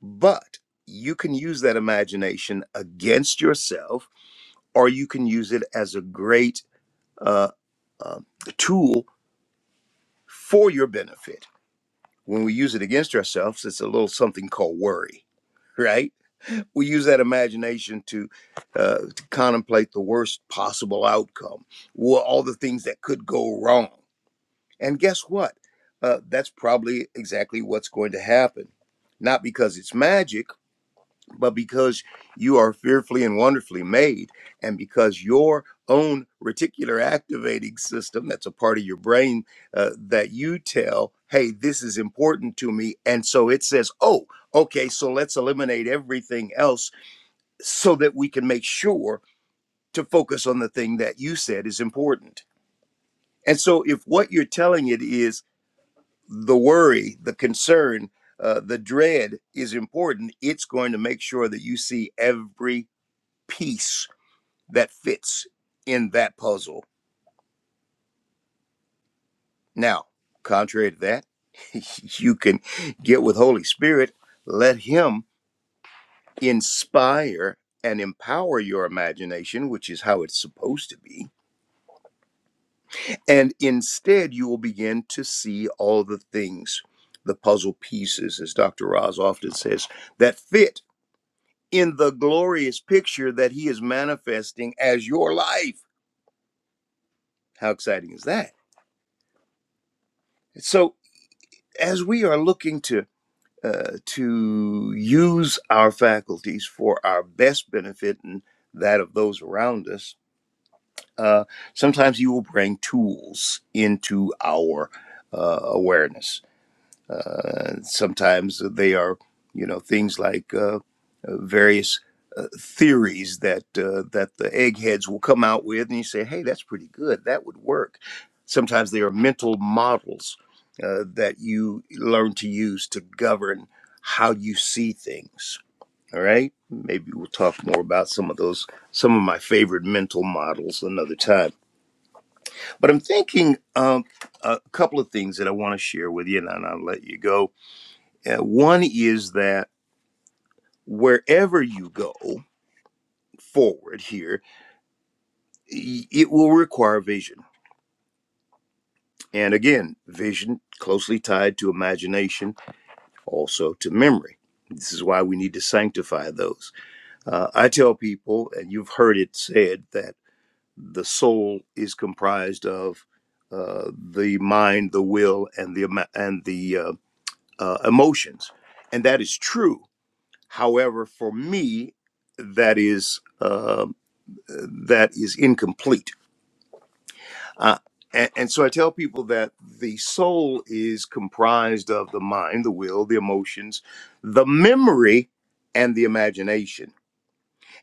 But you can use that imagination against yourself, or you can use it as a great uh, uh, tool for your benefit. When we use it against ourselves, it's a little something called worry, right? we use that imagination to, uh, to contemplate the worst possible outcome, wha- all the things that could go wrong. And guess what? Uh, that's probably exactly what's going to happen. Not because it's magic, but because you are fearfully and wonderfully made, and because your own reticular activating system, that's a part of your brain uh, that you tell, hey, this is important to me. And so it says, oh, okay, so let's eliminate everything else so that we can make sure to focus on the thing that you said is important. And so, if what you're telling it is the worry, the concern, uh, the dread is important, it's going to make sure that you see every piece that fits in that puzzle. Now, contrary to that, you can get with Holy Spirit, let Him inspire and empower your imagination, which is how it's supposed to be And instead, you will begin to see all the things, the puzzle pieces, as Dr. Roz often says, that fit in the glorious picture that he is manifesting as your life. How exciting is that? So, as we are looking to uh, to use our faculties for our best benefit and that of those around us, uh, sometimes you will bring tools into our uh, awareness Uh, sometimes they are, you know, things like uh, uh, various uh, theories that uh, that the eggheads will come out with, and you say, "Hey, that's pretty good. That would work." Sometimes they are mental models uh, that you learn to use to govern how you see things. All right, maybe we'll talk more about some of those, some of my favorite mental models another time. But I'm thinking um, a couple of things that I want to share with you, and then I'll let you go uh, one is that wherever you go forward here, y- it will require vision. And again, vision closely tied to imagination, also to memory. This is why we need to sanctify those. Uh, I tell people, and you've heard it said, that the soul is comprised of uh, the mind, the will, and the ima- and the uh, uh, emotions, and that is true. However, for me, that is. uh, that is incomplete. Uh, and, and so I tell people that the soul is comprised of the mind, the will, the emotions, the memory, and the imagination.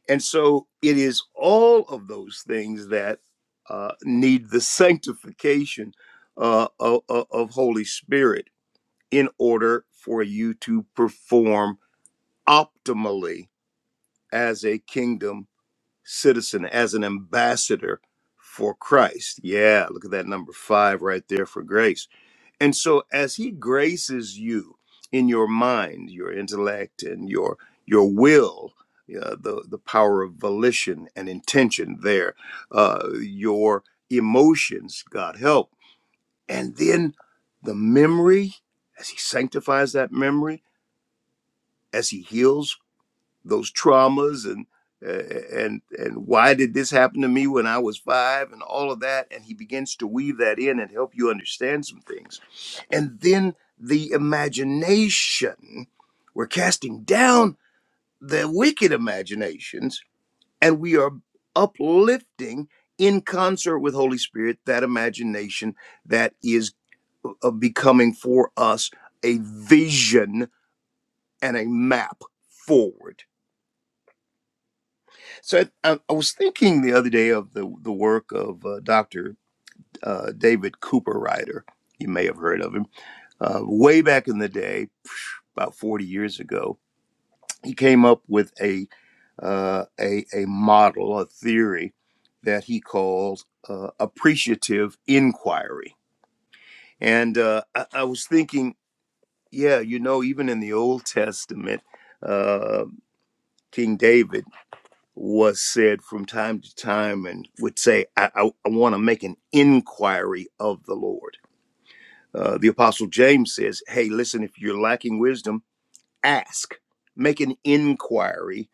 And so it is all of those things that uh, need the sanctification uh, of, of Holy Spirit in order for you to perform optimally as a kingdom citizen, as an ambassador for Christ. Yeah, look at that number five right there for grace. And so as he graces you in your mind, your intellect, and your your will, uh, the the power of volition and intention there, uh, your emotions, God help, and then the memory as he sanctifies that memory, as he heals those traumas and and and why did this happen to me when I was five and all of that and he begins to weave that in and help you understand some things and then the imagination we're casting down the wicked imaginations and we are uplifting in concert with Holy Spirit that imagination that is uh, becoming for us a vision and a map forward So I, I was thinking the other day of the the work of uh, Dr. Uh, David Cooper Ryder. You may have heard of him. Uh, way back in the day, about 40 years ago, he came up with a uh, a, a model, a theory that he called uh, appreciative inquiry. And uh, I, I was thinking, yeah, you know, even in the Old Testament, uh, King David. was said from time to time and would say, I, I, I want to make an inquiry of the Lord. Uh, the Apostle James says, Hey, listen, if you're lacking wisdom, ask, make an inquiry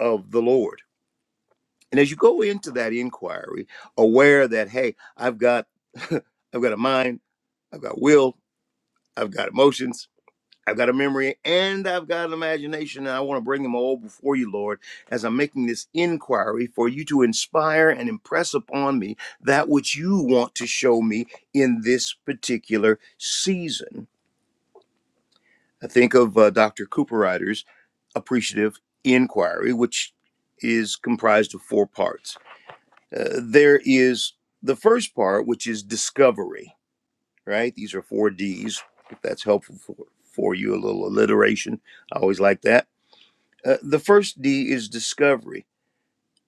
of the Lord. And as you go into that inquiry, aware that, hey, I've got, I've got a mind, I've got will, I've got emotions, I've got a memory and I've got an imagination, and I want to bring them all before you, Lord, as I'm making this inquiry for you to inspire and impress upon me that which you want to show me in this particular season. I think of uh, Dr. Cooper Ryder's appreciative inquiry, which is comprised of four parts. Uh, there is the first part, which is discovery, right? These are four D's, if that's helpful for, for you, a little alliteration. I always like that Uh, the first D is discovery.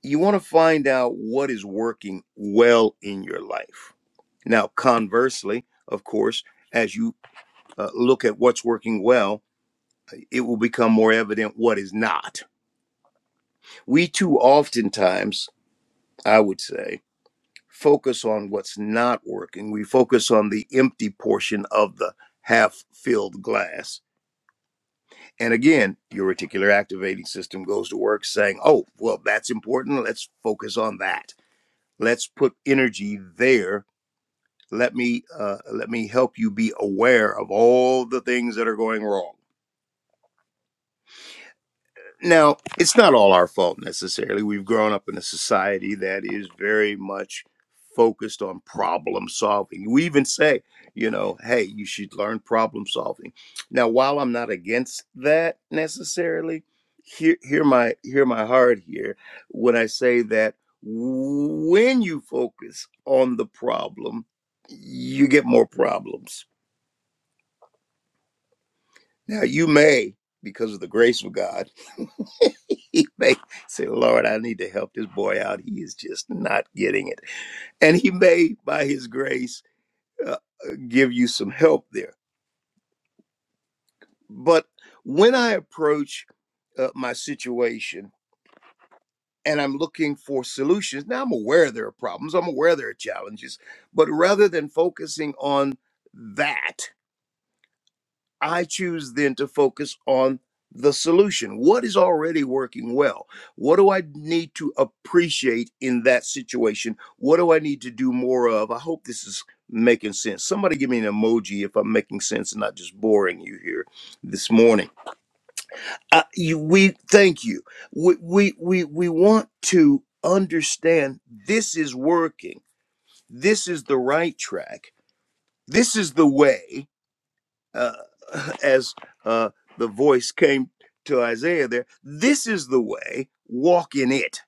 You want to find out what is working well in your life. Now, conversely, of course, as you uh, look at what's working well, it will become more evident what is not. We too oftentimes, I would say, focus on what's not working. We focus on the empty portion of the half filled glass. And again, your reticular activating system goes to work saying, oh, well, that's important. Let's focus on that let's put energy there let me uh, let me help you be aware of all the things that are going wrong Now, it's not all our fault necessarily. We've grown up in a society that is very much focused on problem solving. We even say, you know, hey, you should learn problem solving. Now, while I'm not against that necessarily, hear, hear my hear my heart here when I say that when you focus on the problem, you get more problems. Now, you may, because of the grace of God. he may say, Lord, I need to help this boy out. He is just not getting it. And he may, by his grace, uh, uh, give you some help there. But when I approach uh, my situation and I'm looking for solutions, now I'm aware there are problems, I'm aware there are challenges, but rather than focusing on that, I choose then to focus on the solution. What is already working well? What do I need to appreciate in that situation? What do I need to do more of? I hope this is making sense. Somebody give me an emoji if I'm making sense and not just boring you here this morning. Uh, you, we thank you. We, we we we want to understand this is working. This is the right track. This is the way uh, as uh, the voice came to Isaiah there, this is the way, walk in it.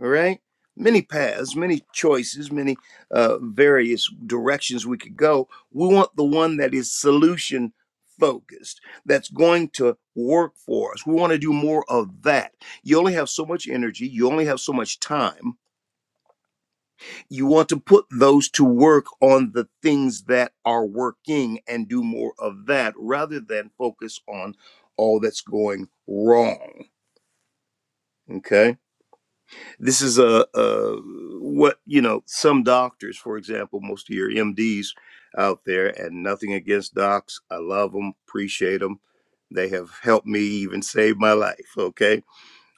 All right? Many paths, many choices, many uh, various directions we could go. We want the one that is solution focused, that's going to work for us. We want to do more of that. You only have so much energy, you only have so much time you want to put those to work on the things that are working and do more of that rather than focus on all that's going wrong okay this is a, a what you know some doctors for example most of your mds out there and nothing against docs i love them appreciate them they have helped me even save my life okay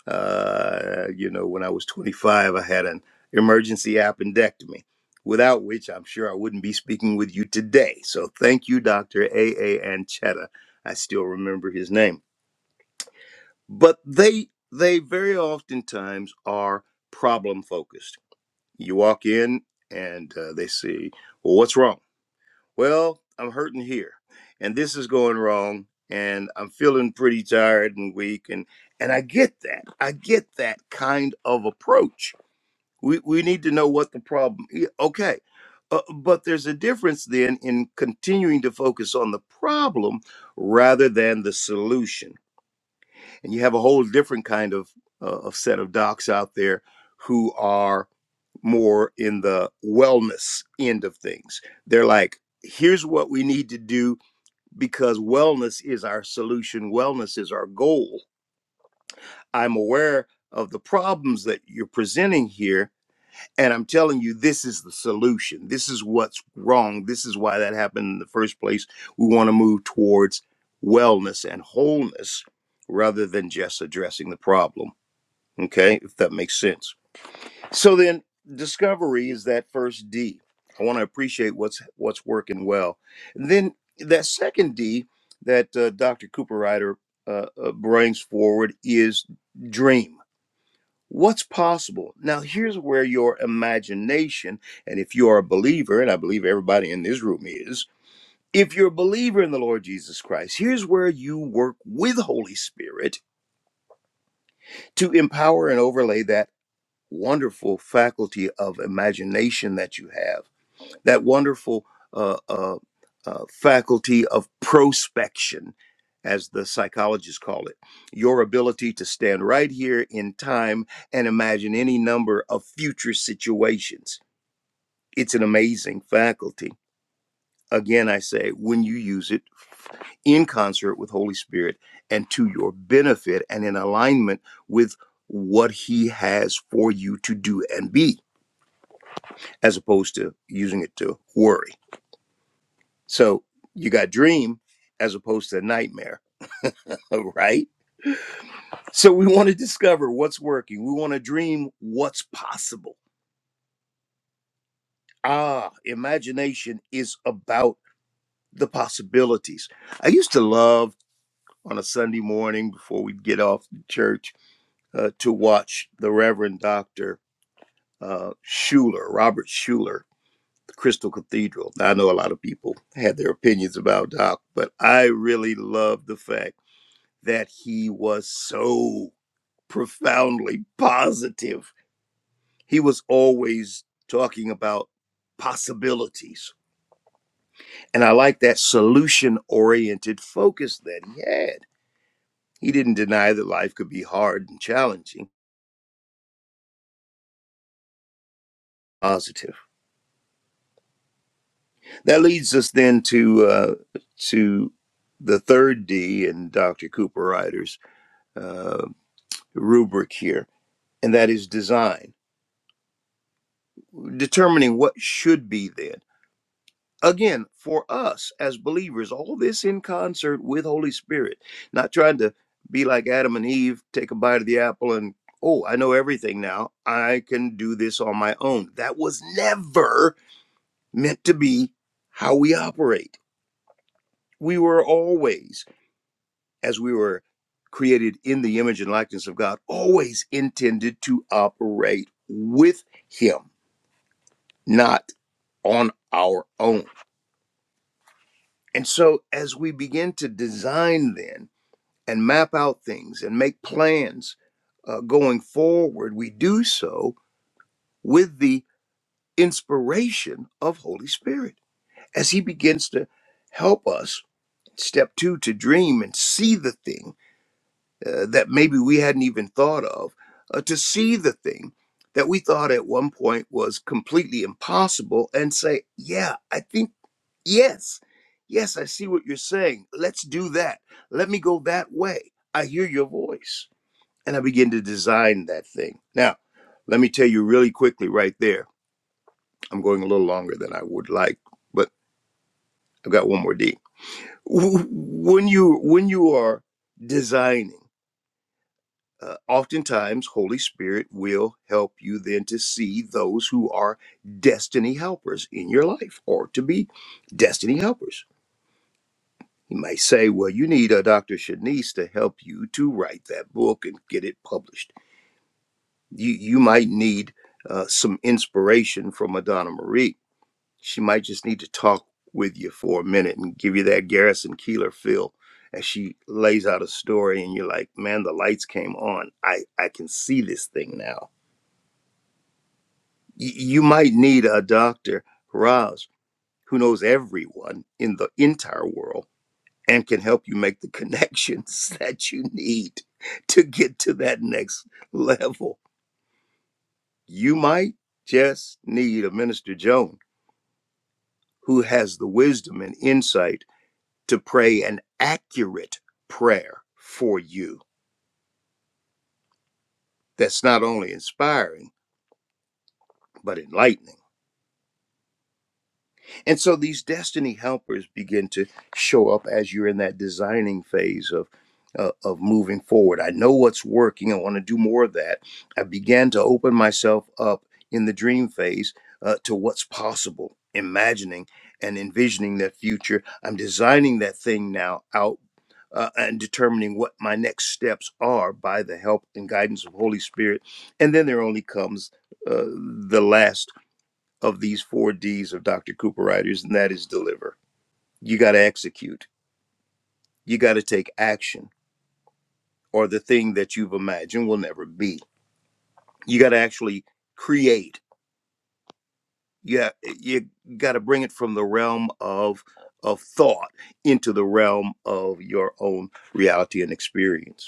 uh, you know, when I was 25, I had an emergency appendectomy, without which I'm sure I wouldn't be speaking with you today. So thank you, Dr. A.A. Anchetta. I still remember his name. But they they very oftentimes are problem focused. You walk in and uh, they say, well, what's wrong? well, I'm hurting here and this is going wrong and I'm feeling pretty tired and weak and and I get that. I get that kind of approach. We we need to know what the problem is. Okay. Uh, but there's a difference then in continuing to focus on the problem rather than the solution. And you have a whole different kind of uh, of set of docs out there who are more in the wellness end of things. They're like, here's what we need to do because wellness is our solution, wellness is our goal. I'm aware of the problems that you're presenting here, and I'm telling you, this is the solution. This is what's wrong. This is why that happened in the first place. We want to move towards wellness and wholeness rather than just addressing the problem. Okay, if that makes sense. So then discovery is that first D. I want to appreciate what's what's working well. And then that second D that uh, Dr. Cooper Ryder uh, uh, brings forward is dream. What's possible? Now here's where your imagination and if you are a believer and I believe everybody in this room is, if you're a believer in the Lord Jesus Christ, here's where you work with Holy Spirit to empower and overlay that wonderful faculty of imagination that you have that wonderful uh, uh, uh, faculty of prospection, as the psychologists call it, your ability to stand right here in time and imagine any number of future situations. It's an amazing faculty. Again, I say, when you use it in concert with Holy Spirit and to your benefit and in alignment with what He has for you to do and be, as opposed to using it to worry. So you got dream as opposed to nightmare, right? So we want to discover what's working. We want to dream what's possible. Ah, imagination is about the possibilities. I used to love on a Sunday morning before we'd get off to church uh, to watch the Reverend Dr. Uh, Schuler, Robert Schuler, the Crystal Cathedral. Now, I know a lot of people had their opinions about Doc, but I really loved the fact that he was so profoundly positive. He was always talking about possibilities. And I like that solution oriented focus that he had. He didn't deny that life could be hard and challenging. Positive. That leads us then to uh, to the third D in Dr. Cooper Ryder's uh, rubric here, and that is design. Determining what should be then. again for us as believers all this in concert with holy spirit not trying to be like adam and eve take a bite of the apple and oh i know everything now i can do this on my own that was never meant to be how we operate we were always as we were created in the image and likeness of god always intended to operate with him not on our own and so as we begin to design then and map out things and make plans uh, going forward, we do so with the inspiration of Holy Spirit as He begins to help us. Step two, to dream and see the thing uh, that maybe we hadn't even thought of, uh, to see the thing that we thought at one point was completely impossible and say, Yeah, I think, yes, yes, I see what you're saying. Let's do that. Let me go that way. I hear your voice and I began to design that thing. Now, let me tell you really quickly right there. I'm going a little longer than I would like, but I've got one more D. W- When you when you are designing, uh, oftentimes Holy Spirit will help you then to see those who are destiny helpers in your life or to be destiny helpers. He might say, "Well, you need a Dr. Shanice to help you to write that book and get it published." You you might need uh, some inspiration from Madonna Marie. She might just need to talk with you for a minute and give you that Garrison Keeler feel as she lays out a story, and you're like, man, the lights came on. I I can see this thing now. Y- you might need a doctor, Roz, who knows everyone in the entire world and can help you make the connections that you need to get to that next level You might just need a Minister Joan who has the wisdom and insight to pray an accurate prayer for you that's not only inspiring, but enlightening. And so these destiny helpers begin to show up as you're in that designing phase of uh, of moving forward. I know what's working. I want to do more of that. I began to open myself up in the dream phase uh, to what's possible, imagining and envisioning that future. I'm designing that thing now out uh, and determining what my next steps are by the help and guidance of Holy Spirit. And then there only comes uh, the last of these four D's of Dr. Cooper Writers, and that is deliver. You got to execute, you got to take action, or the thing that you've imagined will never be. You got to actually create. Yeah, you you got to bring it from the realm of of thought into the realm of your own reality and experience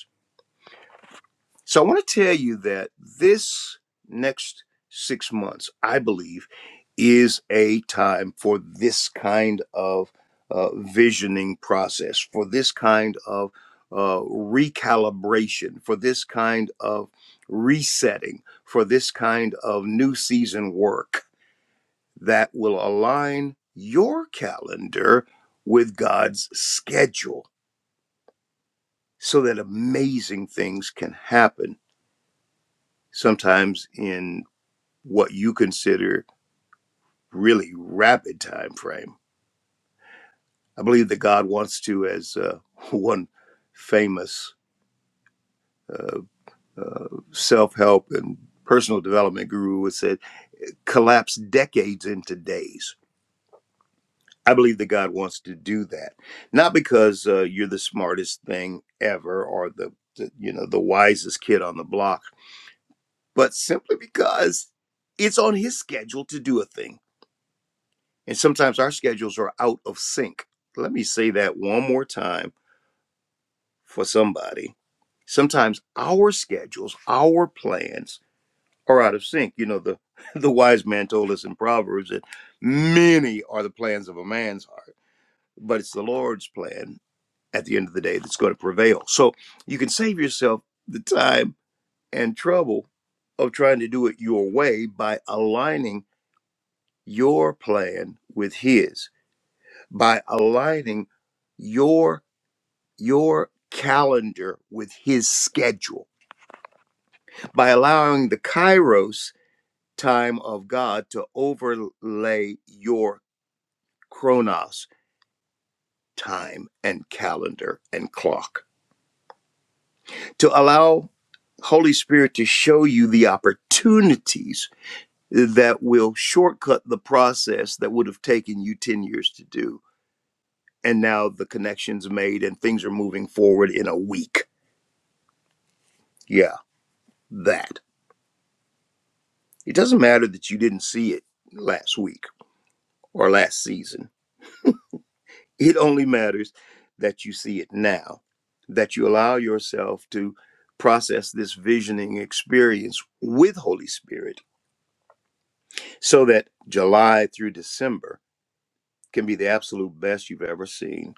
So I want to tell you that this next six months, I believe, is a time for this kind of uh, visioning process, for this kind of uh, recalibration, for this kind of resetting, for this kind of new season work that will align your calendar with God's schedule so that amazing things can happen sometimes in what you consider really rapid time frame. I believe that God wants to, as uh, one famous uh, uh, self help and personal development guru would say, collapse decades into days. I believe that God wants to do that, not because uh, you're the smartest thing ever or the, the you know the wisest kid on the block, but simply because it's on His schedule to do a thing And sometimes our schedules are out of sync. Let me say that one more time for somebody. Sometimes our schedules, our plans are out of sync. You know, the, the wise man told us in Proverbs that many are the plans of a man's heart, but it's the Lord's plan at the end of the day that's going to prevail. So you can save yourself the time and trouble of trying to do it your way by aligning your plan with His by aligning your your calendar with his schedule by allowing the kairos time of god to overlay your chronos time and calendar and clock to allow holy spirit to show you the opportunities that will shortcut the process that would have taken you 10 years to do and now the connections made and things are moving forward in a week yeah that It doesn't matter that you didn't see it last week or last season. It only matters that you see it now, that you allow yourself to process this visioning experience with Holy Spirit so that July through December can be the absolute best you've ever seen.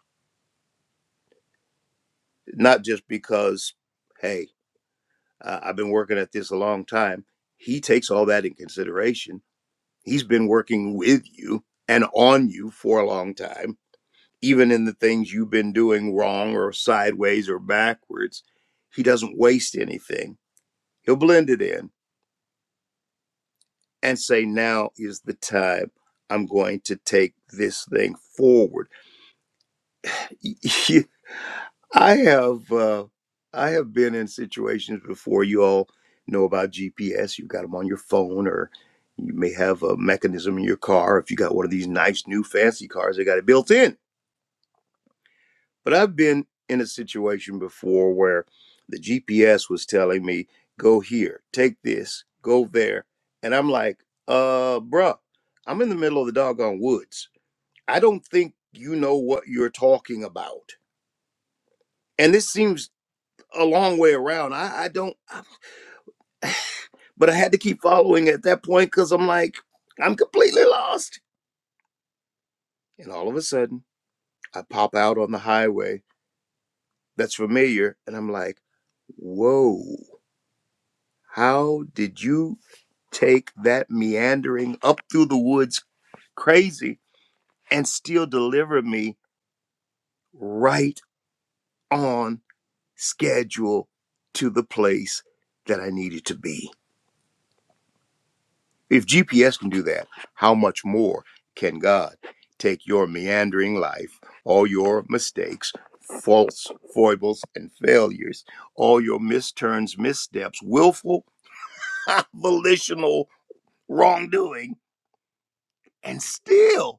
Not just because, hey, uh, I've been working at this a long time. He takes all that in consideration. He's been working with you and on you for a long time even in the things you've been doing wrong or sideways or backwards, he doesn't waste anything. He'll blend it in and say, Now is the time I'm going to take this thing forward. I have uh, I have been in situations before. You all know about GPS. You've got them on your phone, or you may have a mechanism in your car. If you got one of these nice new fancy cars, they got it built in But I've been in a situation before where the GPS was telling me, go here, take this, go there. And I'm like, uh, bruh, I'm in the middle of the doggone woods. I don't think you know what you're talking about. And this seems a long way around. I, I don't, but I had to keep following at that point because I'm like, I'm completely lost. And all of a sudden, I pop out on the highway that's familiar. And I'm like, whoa, how did you take that meandering up through the woods crazy and still deliver me right on schedule to the place that I needed to be. If GPS can do that, how much more can God take your meandering life, all your mistakes, faults, foibles, and failures, all your misturns, missteps, willful, volitional wrongdoing, and still?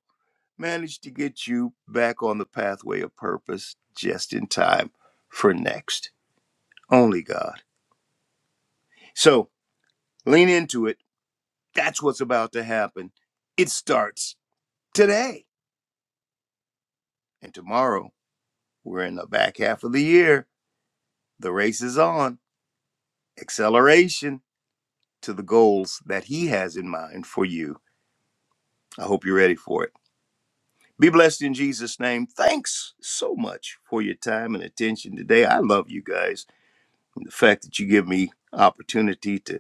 managed to get you back on the pathway of purpose just in time for next. Only God. So lean into it. That's what's about to happen. It starts today. And tomorrow, we're in the back half of the year. The race is on. Acceleration to the goals that He has in mind for you. I hope you're ready for it. Be blessed in Jesus' name. Thanks so much for your time and attention today. I love you guys. And the fact that you give me opportunity to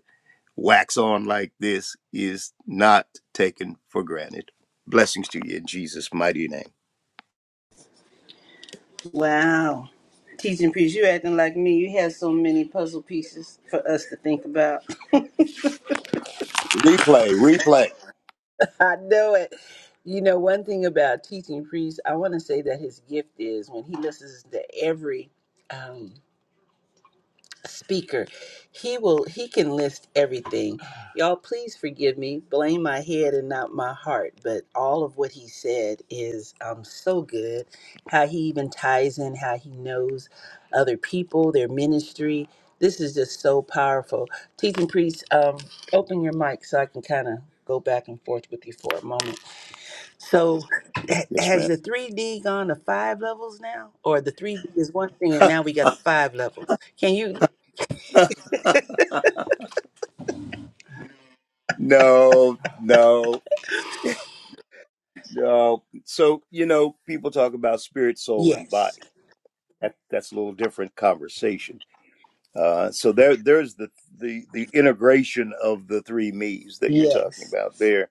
wax on like this is not taken for granted. Blessings to you in Jesus' mighty name. Wow. Teaching priest, you acting like me. You have so many puzzle pieces for us to think about. Replay, replay. I know it. You know, one thing about teaching priest, I want to say that his gift is when he listens to every um, speaker he will he can list everything y'all please forgive me blame my head and not my heart but all of what he said is um so good how he even ties in how he knows other people their ministry this is just so powerful teaching priest um open your mic so i can kind of go back and forth with you for a moment so ha- Yes, has ma'am. the 3d gone to five levels now or the 3d is one thing and now we got the five levels can you no, no, no. So, you know, people talk about spirit, soul, and Yes. body. That, that's a little different conversation. Uh, so there, there's the, the the integration of the three me's that you're talking Yes. about there,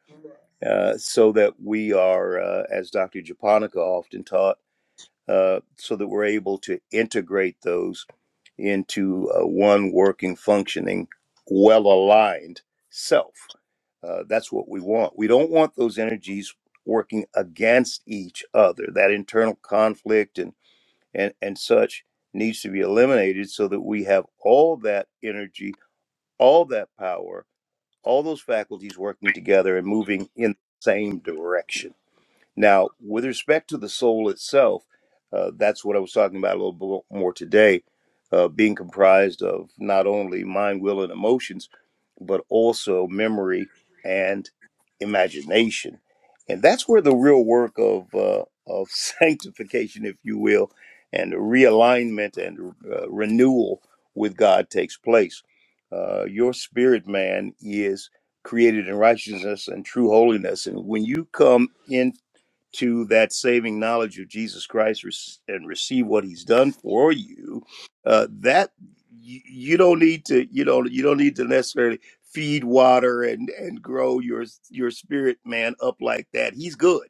uh, so that we are, uh, as Dr. Japonica often taught. uh, so that we're able to integrate those into uh, one working, functioning, well aligned self. Uh, that's what we want. We don't want those energies working against each other. That internal conflict and, and, and such needs to be eliminated so that we have all that energy, all that power, all those faculties working together and moving in the same direction. Now, with respect to the soul itself, uh, that's what I was talking about a little bit more today, uh, being comprised of not only mind, will, and emotions, but also memory and imagination. And that's where the real work of, uh, of sanctification, if you will, and realignment and uh, renewal with God takes place. Uh, your spirit man is created in righteousness and true holiness. And when you come into to that saving knowledge of Jesus Christ and receive what He's done for you, uh, that you, you don't need to you don't you don't need to necessarily feed water and and grow your your spirit man up like that. He's good.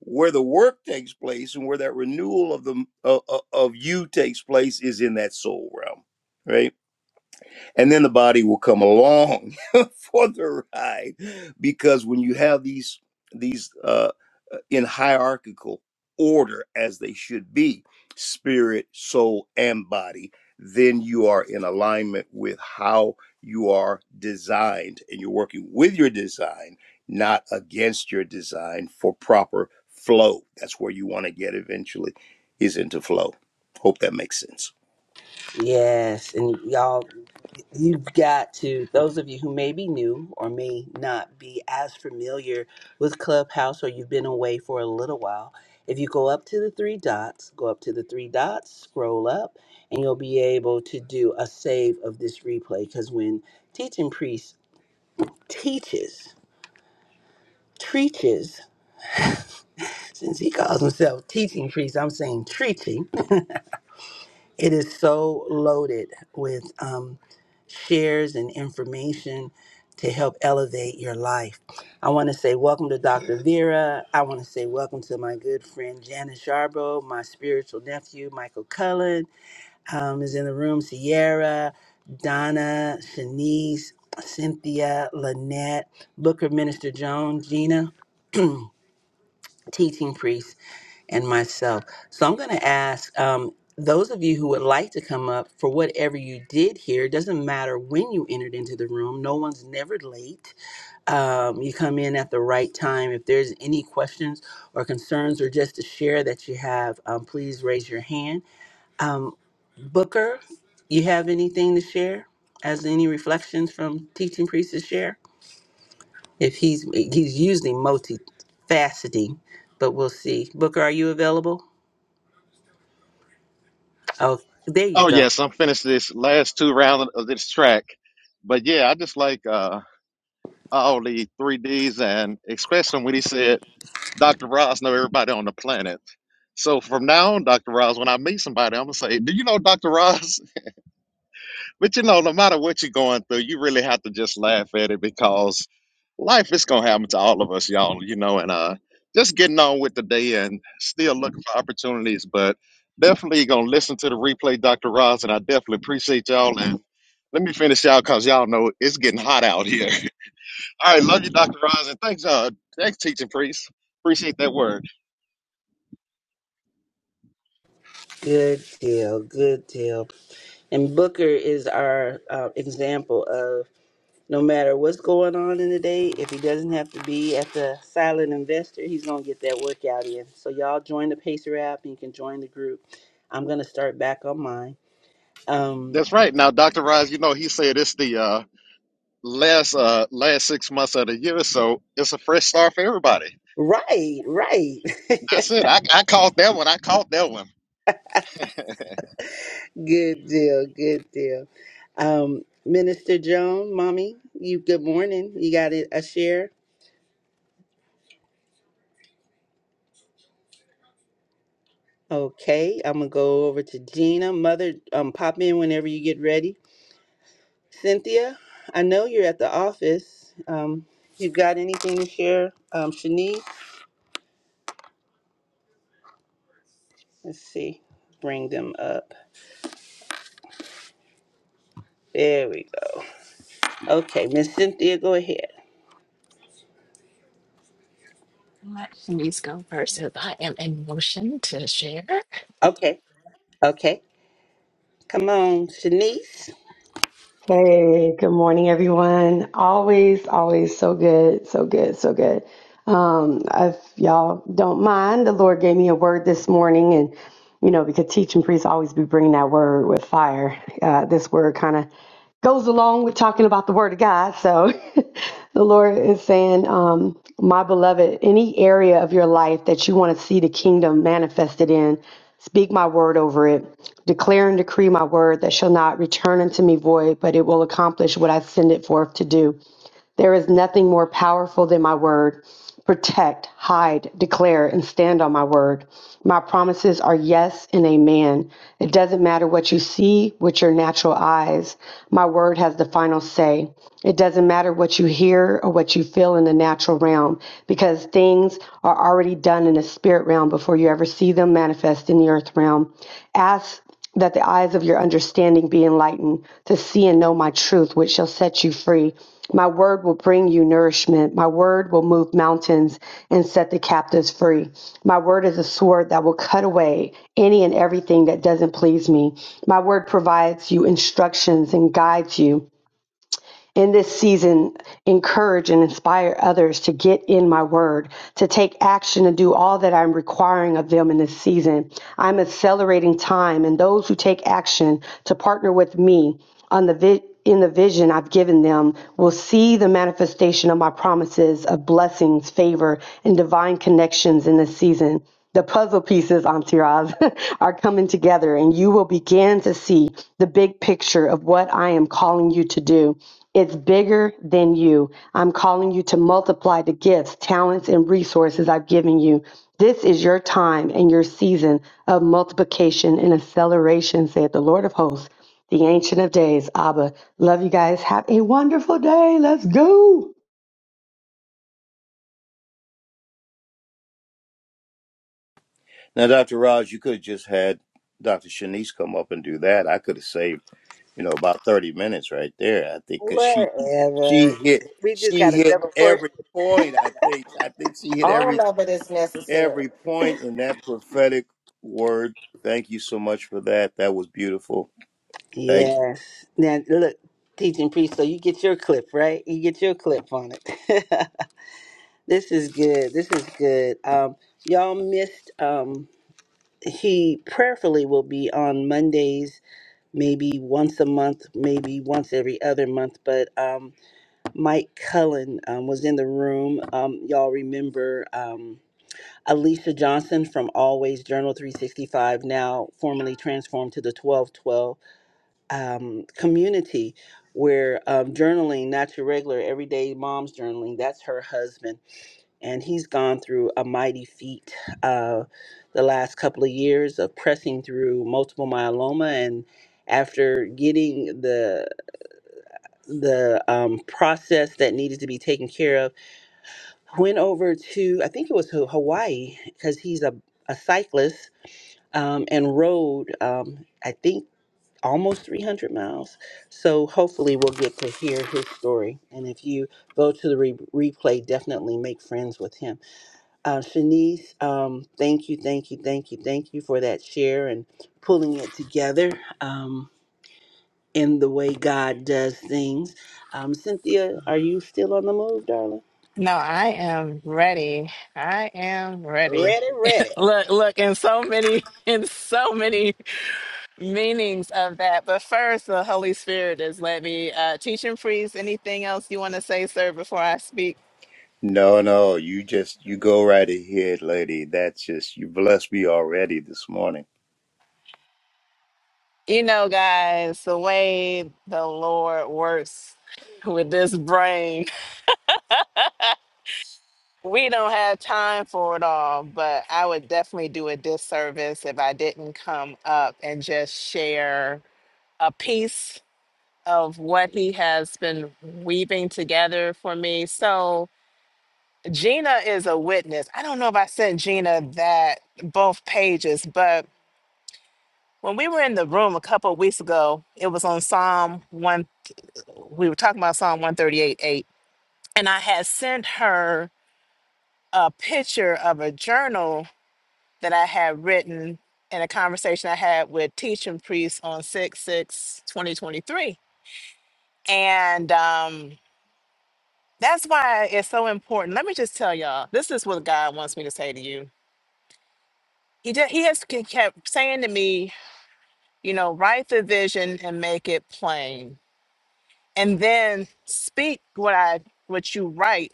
Where the work takes place and where that renewal of the of, of you takes place is in that soul realm, right? and then the body will come along for the ride because when you have these these uh uh, in hierarchical order as they should be spirit soul and body then you are in alignment with how you are designed and you're working with your design not against your design for proper flow that's where you want to get eventually is into flow hope that makes sense Yes. And y'all, you've got to, those of you who may be new or may not be as familiar with Clubhouse or you've been away for a little while, if you go up to the three dots, go up to the three dots, scroll up, and you'll be able to do a save of this replay. Because when teaching priest teaches, teaches, since he calls himself teaching priest, I'm saying treating, it is so loaded with. um. shares and information to help elevate your life. I want to say welcome to Dr. Vera. I want to say welcome to my good friend Janice Jarbo, my spiritual nephew Michael Cullen um, is in the room. Sierra, Donna, Shanice, Cynthia, Lynette, Booker Minister Joan, Gina, teaching priest and myself. So I'm going to ask um, those of you who would like to come up for whatever you did here. It doesn't matter when you entered into the room, no one's never late. Um, you come in at the right time. If there's any questions or concerns or just to share that you have, um, please raise your hand. Um, Booker, you have anything to share? As any reflections from teaching priest to share? If he's he's usually multifaceting, but we'll see. Booker, are you available? Oh, there you Oh go. yes, I'm finished this last two rounds of this track. But yeah, I just like uh all the three Ds, and especially when he said, "Dr. Ross know everybody on the planet." So from now on, Dr. Ross, when I meet somebody, I'm gonna say, "Do you know Dr. Ross?" But you know, no matter what you're going through, you really have to just laugh at it because life is gonna happen to all of us, y'all. You know, and uh, just getting on with the day and still looking for opportunities, but definitely gonna listen to the replay, Dr. Ross, and I definitely appreciate y'all. And let me finish y'all because y'all know it's getting hot out here. All right, love you, Dr. Roz, and thanks, uh, thanks, teaching priest. Appreciate that word. Good deal. Good deal. And Booker is our uh, example of no matter what's going on in the day, if he doesn't have to be at the silent investor, he's going to get that workout in. So, y'all join the Pacer app and you can join the group. I'm going to start back on mine. Um, That's right. Now, Dr. Roz, you know, he said it's the uh, last uh, last six months of the year, so it's a fresh start for everybody. right, right. That's it. I, I caught that one. I caught that one. good deal. Good deal. Um, Minister Joan, mommy, you good morning. You got a a share? Okay, I'm gonna go over to Gina. Mother, um, pop in whenever you get ready. Cynthia, I know you're at the office. Um, you got anything to share? Um, Shanice, let's see, bring them up. There we go. Okay, Miss Cynthia, go ahead. Let Shanice go first as I am in motion to share. Okay, okay, come on, Shanice. Hey, good morning, everyone. Always, always so good, so good, so good. Um, if y'all don't mind, the Lord gave me a word this morning, and you know, because teaching priests always be bringing that word with fire. Uh, this word kind of goes along with talking about the word of God. So the Lord is saying, um, my beloved, any area of your life that you want to see the kingdom manifested in, speak my word over it. Declare and decree my word that shall not return unto me void, but it will accomplish what I send it forth to do. There is nothing more powerful than my word. Protect, hide, declare, and stand on my word. My promises are yes and amen. It doesn't matter what you see with your natural eyes. My word has the final say. It doesn't matter what you hear or what you feel in the natural realm because things are already done in the spirit realm before you ever see them manifest in the earth realm. Ask that the eyes of your understanding be enlightened, to see and know my truth, which shall set you free. My word will bring you nourishment. My word will move mountains and set the captives free. My word is a sword that will cut away any and everything that doesn't please me. My word provides you instructions and guides you in this season encourage and inspire others to get in my word, to take action and do all that I'm requiring of them in this season. I'm accelerating time and those who take action to partner with me on the vi- in the vision I've given them will see the manifestation of my promises of blessings, favor, and divine connections in this season. The puzzle pieces, Antiraz, are coming together, and you will begin to see the big picture of what I am calling you to do. It's bigger than you. I'm calling you to multiply the gifts, talents, and resources I've given you. This is your time and your season of multiplication and acceleration, said the Lord of hosts, the Ancient of Days. Abba, love you guys. Have a wonderful day. Let's go. Now, Dr. Raj, you could have just had Dr. Shanice come up and do that. I could have saved, you know, about 30 minutes right there, I think, because she, she Whatever. hit, We just she got a hit double course. every point, I think. I think she hit all every, of it is necessary every point in that prophetic word. Thank you so much for that. That was beautiful. Thank you. Yes. Now look, teaching priest. So you get your clip, right? You get your clip on it. This is good. This is good. Um, y'all missed. Um, he prayerfully will be on Mondays, maybe once a month, maybe once every other month. But um, Mike Cullen um, was in the room. Um, y'all remember um, Alicia Johnson from Always Journal 365, now formerly transformed to the 1212 um, community, where um, journaling, not your regular everyday mom's journaling, that's her husband and he's gone through a mighty feat uh, the last couple of years of pressing through multiple myeloma and after getting the the um, process that needed to be taken care of went over to i think it was Ho- hawaii because he's a, a cyclist um, and rode um, i think almost 300 miles so hopefully we'll get to hear his story and if you go to the re- replay definitely make friends with him uh, Shanice, um, thank you, thank you, thank you, thank you for that share and pulling it together um, in the way God does things. Um, Cynthia, are you still on the move, darling? No, I am ready. I am ready. Ready, ready. Look, look, in so many, in so many meanings of that. But first, the Holy Spirit has let me uh, teach and freeze. Anything else you want to say, sir, before I speak? No, no, you just, you go right ahead, lady. That's just, you blessed me already this morning. You know, guys, the way the Lord works with this brain. We don't have time for it all, but I would definitely do a disservice if I didn't come up and just share a piece of what he has been weaving together for me. So, Gina is a witness. I don't know if I sent Gina that both pages, but when we were in the room a couple of weeks ago, it was on Psalm 1 we were talking about Psalm one thirty-eight eight, and I had sent her a picture of a journal that I had written in a conversation I had with teaching priests on 6 six twenty twenty three, And um, that's why it's so important. Let me just tell y'all this is what God wants me to say to you. He, just, he has ke- kept saying to me, you know, write the vision and make it plain, and then speak what I what you write,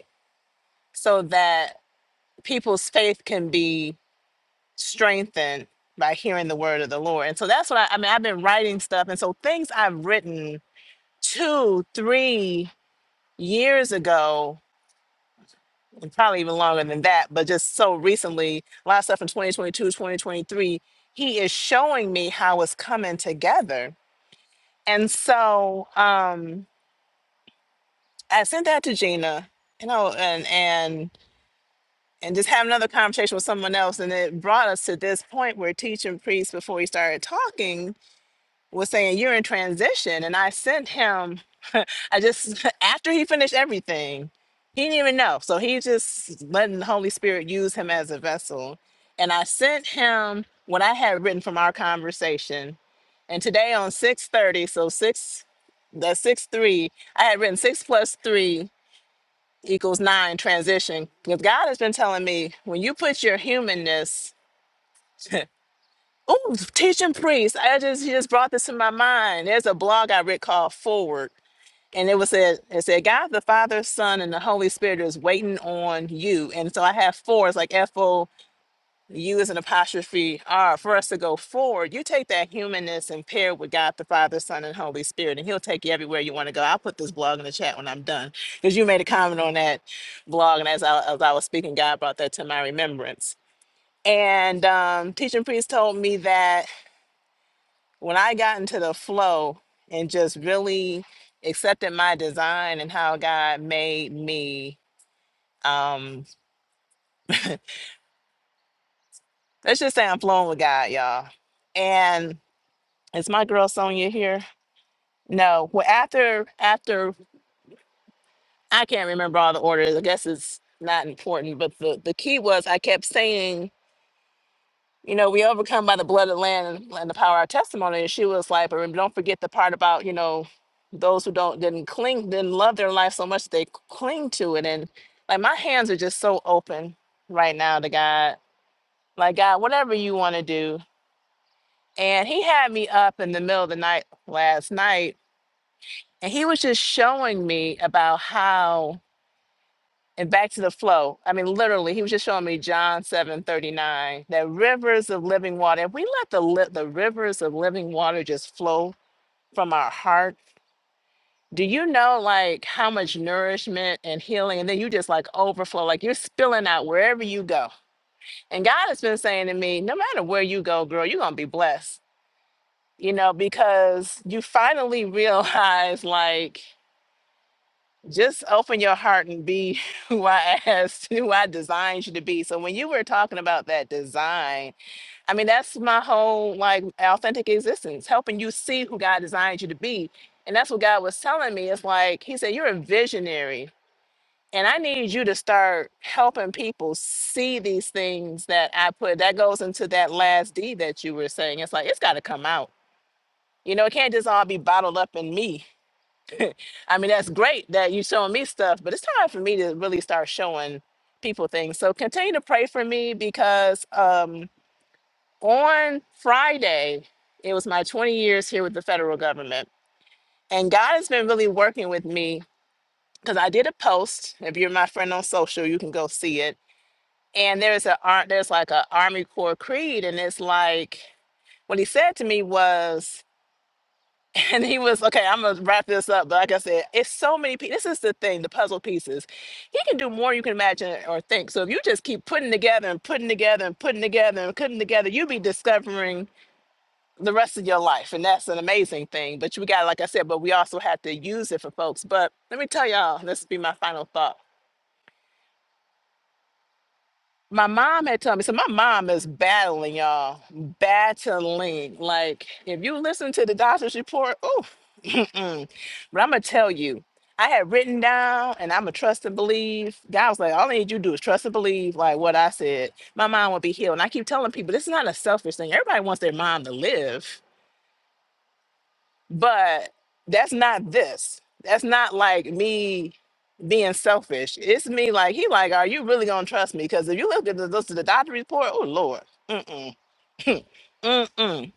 so that people's faith can be strengthened by hearing the word of the Lord. And so that's what I, I mean. I've been writing stuff, and so things I've written two, three years ago, and probably even longer than that, but just so recently, a lot of stuff in 2022, 2023. he is showing me how it's coming together. And so um, I sent that to Gina, you know, and and and just have another conversation with someone else. And it brought us to this point where teaching priests before he started talking was saying, You're in transition. And I sent him, I just, after he finished everything, he didn't even know. So he just letting the Holy Spirit use him as a vessel. And I sent him what I had written from our conversation. And today on 6:30, so six the six three, I had written six plus three equals nine transition. Because God has been telling me when you put your humanness Oh, teaching priests. I just he just brought this to my mind. There's a blog I read called Forward, and it was said it said God the Father, Son, and the Holy Spirit is waiting on you. And so I have four. It's like F O U is an apostrophe R for us to go forward. You take that humanness and pair it with God the Father, Son, and Holy Spirit, and He'll take you everywhere you want to go. I'll put this blog in the chat when I'm done because you made a comment on that blog, and as I, as I was speaking, God brought that to my remembrance. And um, teaching priest told me that when I got into the flow and just really accepted my design and how God made me, um, let's just say I'm flowing with God, y'all. And is my girl Sonia here? No. Well, after after I can't remember all the orders. I guess it's not important, but the the key was I kept saying you know, we overcome by the blood of the Lamb and and the power of our testimony. And she was like, but rem- don't forget the part about, you know, those who don't didn't cling, didn't love their life so much that they cling to it. And like my hands are just so open right now to God. Like God, whatever you want to do. And he had me up in the middle of the night last night, and he was just showing me about how And back to the flow. I mean, literally, he was just showing me John seven thirty nine. that rivers of living water. If we let the li- the rivers of living water just flow from our heart, do you know like how much nourishment and healing? And then you just like overflow, like you're spilling out wherever you go. And God has been saying to me, no matter where you go, girl, you're gonna be blessed. You know, because you finally realize like just open your heart and be who I asked, who I designed you to be. So when you were talking about that design, I mean that's my whole like authentic existence, helping you see who God designed you to be. And that's what God was telling me. It's like he said, You're a visionary. And I need you to start helping people see these things that I put. That goes into that last D that you were saying. It's like it's gotta come out. You know, it can't just all be bottled up in me I mean, that's great that you're showing me stuff, but it's time for me to really start showing people things. So continue to pray for me because um, on Friday, it was my 20 years here with the federal government. And God has been really working with me because I did a post. If you're my friend on social, you can go see it. And there's a ar- there's like a Army Corps creed, and it's like what he said to me was And he was okay. I'm gonna wrap this up, but like I said, it's so many pieces. This is the thing, the puzzle pieces. He can do more you can imagine or think. So if you just keep putting together and putting together and putting together and putting together, you'll be discovering the rest of your life, and that's an amazing thing. But we got, like I said, but we also have to use it for folks. But let me tell y'all, this will be my final thought my mom had told me so my mom is battling y'all battling like if you listen to the doctor's report oh mm-mm. but i'm gonna tell you i had written down and i'm a trust and believe god was like all i need you to do is trust and believe like what i said my mom will be healed and i keep telling people this is not a selfish thing everybody wants their mom to live but that's not this that's not like me being selfish it's me like he like are you really gonna trust me because if you look at the, look at the doctor report oh lord mm-mm mm-mm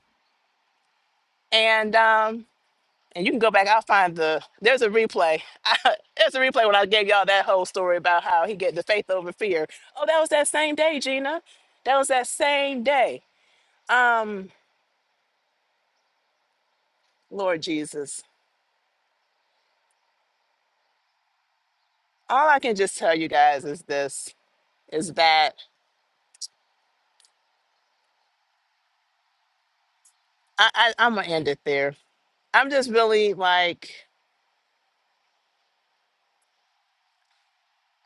and um and you can go back i'll find the there's a replay there's a replay when i gave y'all that whole story about how he get the faith over fear oh that was that same day gina that was that same day um lord jesus all i can just tell you guys is this is that I, I I'm gonna end it there. I'm just really like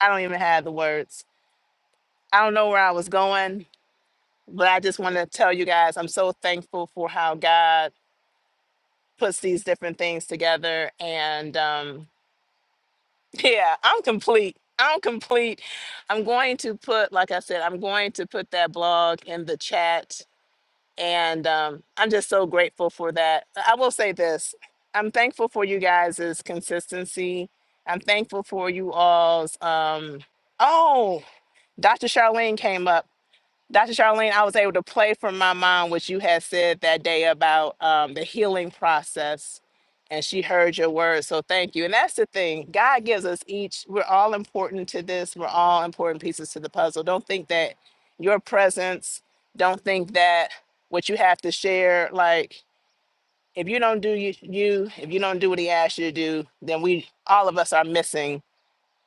I don't even have the words. I don't know where I was going, but I just want to tell you guys I'm so thankful for how God puts these different things together. And um, yeah, I'm complete. I'm complete. I'm going to put, like I said, I'm going to put that blog in the chat and um, I'm just so grateful for that. I will say this: I'm thankful for you guys' consistency. I'm thankful for you all's. Um, oh, Dr. Charlene came up. Dr. Charlene, I was able to play from my mom what you had said that day about um, the healing process, and she heard your words. So thank you. And that's the thing God gives us each, we're all important to this, we're all important pieces to the puzzle. Don't think that your presence, don't think that what you have to share, like, if you don't do you, you, if you don't do what he asked you to do, then we, all of us are missing,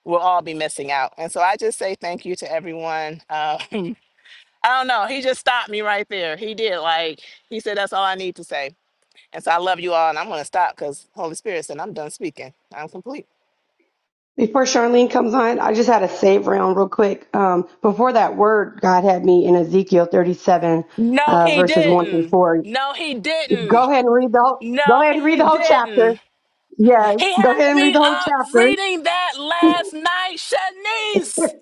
we'll all be missing out. And so I just say thank you to everyone. Uh, I don't know. He just stopped me right there. He did. Like he said, that's all I need to say. And so I love you all, and I'm gonna stop because Holy Spirit said I'm done speaking. I'm complete. Before Charlene comes on, I just had a save round real quick. Um, before that word, God had me in Ezekiel 37, No, uh, he verses 1 through didn't. 4. No, he didn't. Go ahead and read the whole, go No, ahead and read he the whole chapter. didn't. Yes. He Go ahead had and me read the whole up chapter. reading that last night, Shanice.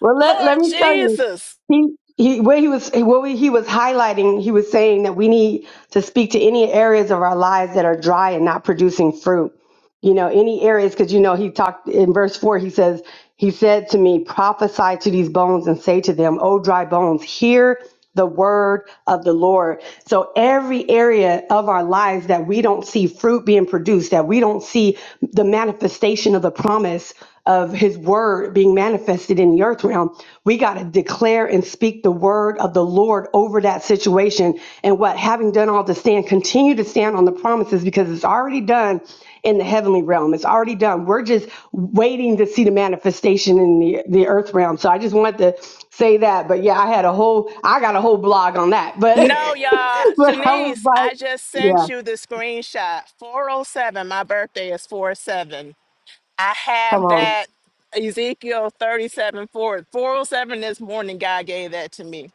Well, let, let Lord me tell you, Jesus. he, he, where he was, what we- he was highlighting, he was saying that we need to speak to any areas of our lives that are dry and not producing fruit. you know, any areas, because you know, he talked in verse four, he says, He said to me, prophesy to these bones and say to them, O dry bones, hear the word of the Lord. So every area of our lives that we don't see fruit being produced, that we don't see the manifestation of the promise of his word being manifested in the earth realm, we got to declare and speak the word of the Lord over that situation. And what having done all to stand, continue to stand on the promises because it's already done in the heavenly realm. It's already done. We're just waiting to see the manifestation in the, the earth realm. So I just wanted to say that. But yeah, I had a whole I got a whole blog on that. But No, y'all. but I was Shanice, like, I just yeah, sent you the screenshot. 407. My birthday is 4-7. I come have on. that Ezekiel thirty-seven, four, four, oh, seven. this morning, God gave that to me.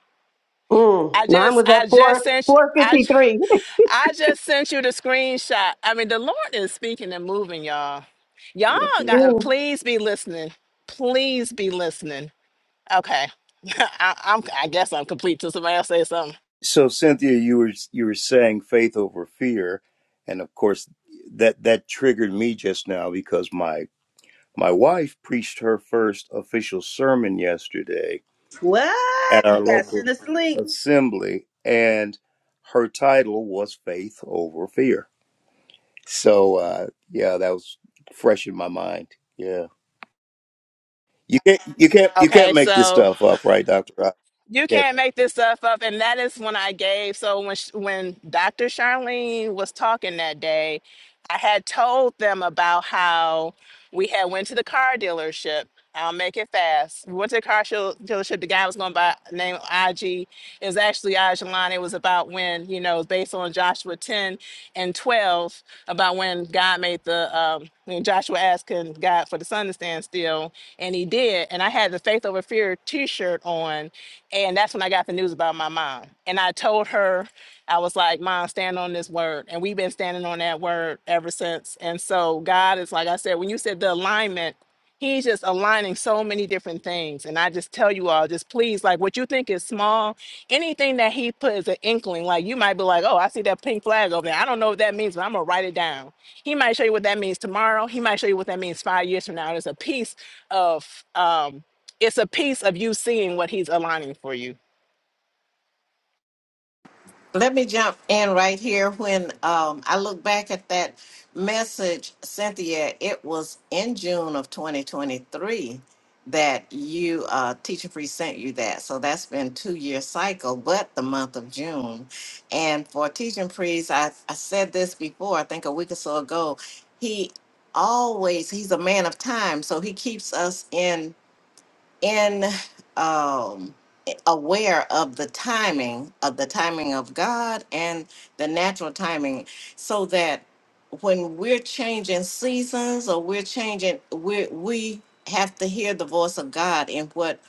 Mm, I mine just was at I four just sent you, four I fifty j- three. I just sent you the screenshot. I mean, the Lord is speaking and moving, y'all. Y'all Yes, it is. got please be listening. Please be listening. Okay. I, I'm I guess I'm complete till somebody else says something. So Cynthia, you were you were saying faith over fear, and of course that that triggered me just now because my my wife preached her first official sermon yesterday What? at our You got to local send us a link. assembly, and her title was faith over fear. So uh, yeah, that was fresh in my mind. Yeah, you can't you can't you Okay, can't make this so stuff up, right, Doctor? You can't make this stuff up. And that is when I gave. So when sh- when Dr. Charlene was talking that day, I had told them about how we had went to the car dealership. I'll make it fast. We went to the car show, dealership. The guy was going by name IG. It was actually Ajalon. It was about when, you know, based on Joshua 10 and 12, about when God made the, um, when Joshua asked can God for the sun to stand still. And he did. And I had the Faith Over Fear t shirt on and that's when I got the news about my mom. And I told her, I was like, Mom, stand on this word. And we've been standing on that word ever since. And so God is like I said, when you said the alignment, He's just aligning so many different things. And I just tell you all, just please, like what you think is small, anything that he put is an inkling. Like you might be like, oh, I see that pink flag over there. I don't know what that means, but I'm gonna write it down. He might show you what that means tomorrow. He might show you what that means five years from now. There's a piece of um it's a piece of you seeing what he's aligning for you. Let me jump in right here. When um, I look back at that message, Cynthia, it was in June of 2023 that you, uh, Teacher Free sent you that. So that's been two year cycle, but the month of June. And for Teaching Priest, I, I said this before, I think a week or so ago, he always, he's a man of time. So he keeps us in in um aware of the timing of the timing of God and the natural timing so that when we're changing seasons or we're changing we we have to hear the voice of God in what